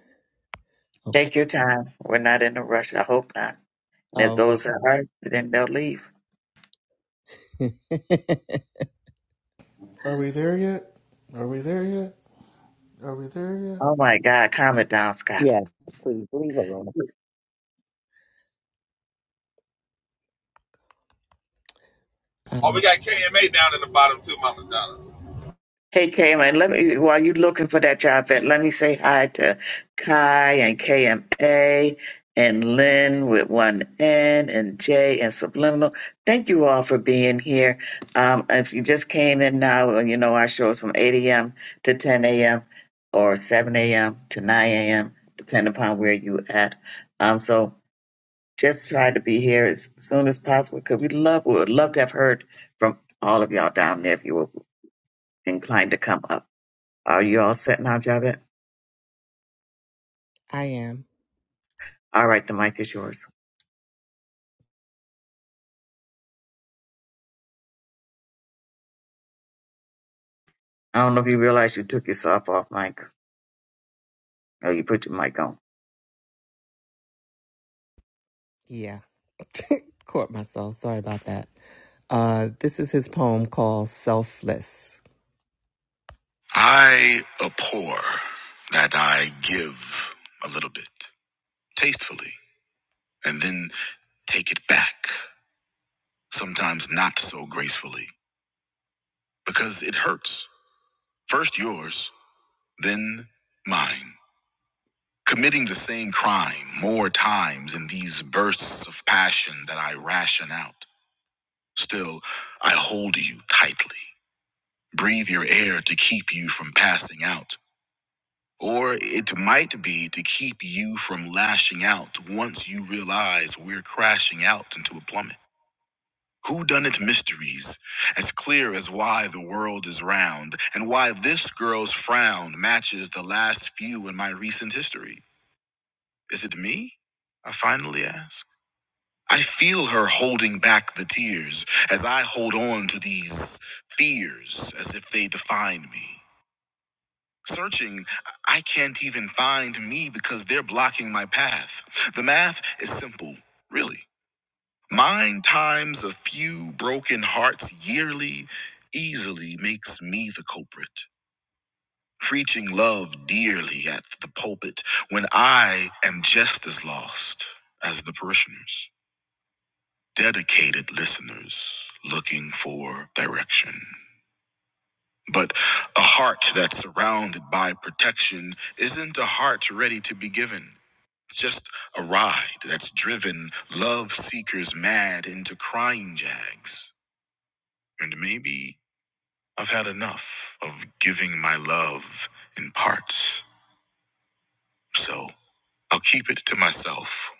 Okay. Take your time. We're not in a rush. I hope not. And if Oh, those are, then they'll leave. okay. Are we there yet? Are we there yet? Are we there yet? Oh my God, calm it down, Scott. Yeah, please leave alone. Oh, Uh, we got KMA down in the bottom too, Mama Donna. Hey, Kaylin, let me, while you're looking for that job vet, let me say hi to Kai and KMA and Lynn with one N and J and Subliminal. Thank you all for being here. Um, if you just came in now, well, you know our show is from 8 a.m. to 10 a.m. or 7 a.m. to 9 a.m., depending upon where you at. Um, so just try to be here as soon as possible because we love, we would love to have heard from all of y'all down there if you were inclined to come up. Are you all set now, Javed? I am. All right, the mic is yours. I don't know if you realize you took yourself off mic. Oh, you put your mic on. Yeah. Caught myself. Sorry about that. Uh, this is his poem called Selfless. I abhor that I give a little bit tastefully and then take it back, sometimes not so gracefully, because it hurts. First yours, then mine. committing the same crime more times in these bursts of passion that I ration out. Still, I hold you tightly, breathe your air to keep you from passing out. Or it might be to keep you from lashing out once you realize we're crashing out into a plummet. Whodunit mysteries, as clear as why the world is round and why this girl's frown matches the last few in my recent history. Is it me? I finally ask. I feel her holding back the tears as I hold on to these fears as if they define me. Searching, I can't even find me because they're blocking my path. The math is simple, really. Mine times a few broken hearts yearly easily makes me the culprit. Preaching love dearly at the pulpit when I am just as lost as the parishioners. dedicated listeners looking for direction. But a heart that's surrounded by protection isn't a heart ready to be given. It's just a ride that's driven love seekers mad into crying jags. And maybe I've had enough of giving my love in parts. So I'll keep it to myself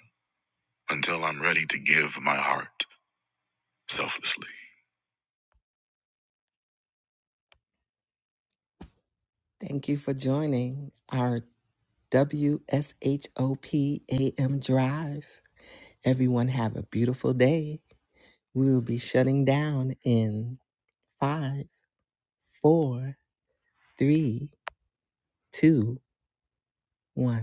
until I'm ready to give my heart selflessly. Thank you for joining. our. WSHOPAM Drive. Everyone have a beautiful day. We will be shutting down in five, four, three, two, one.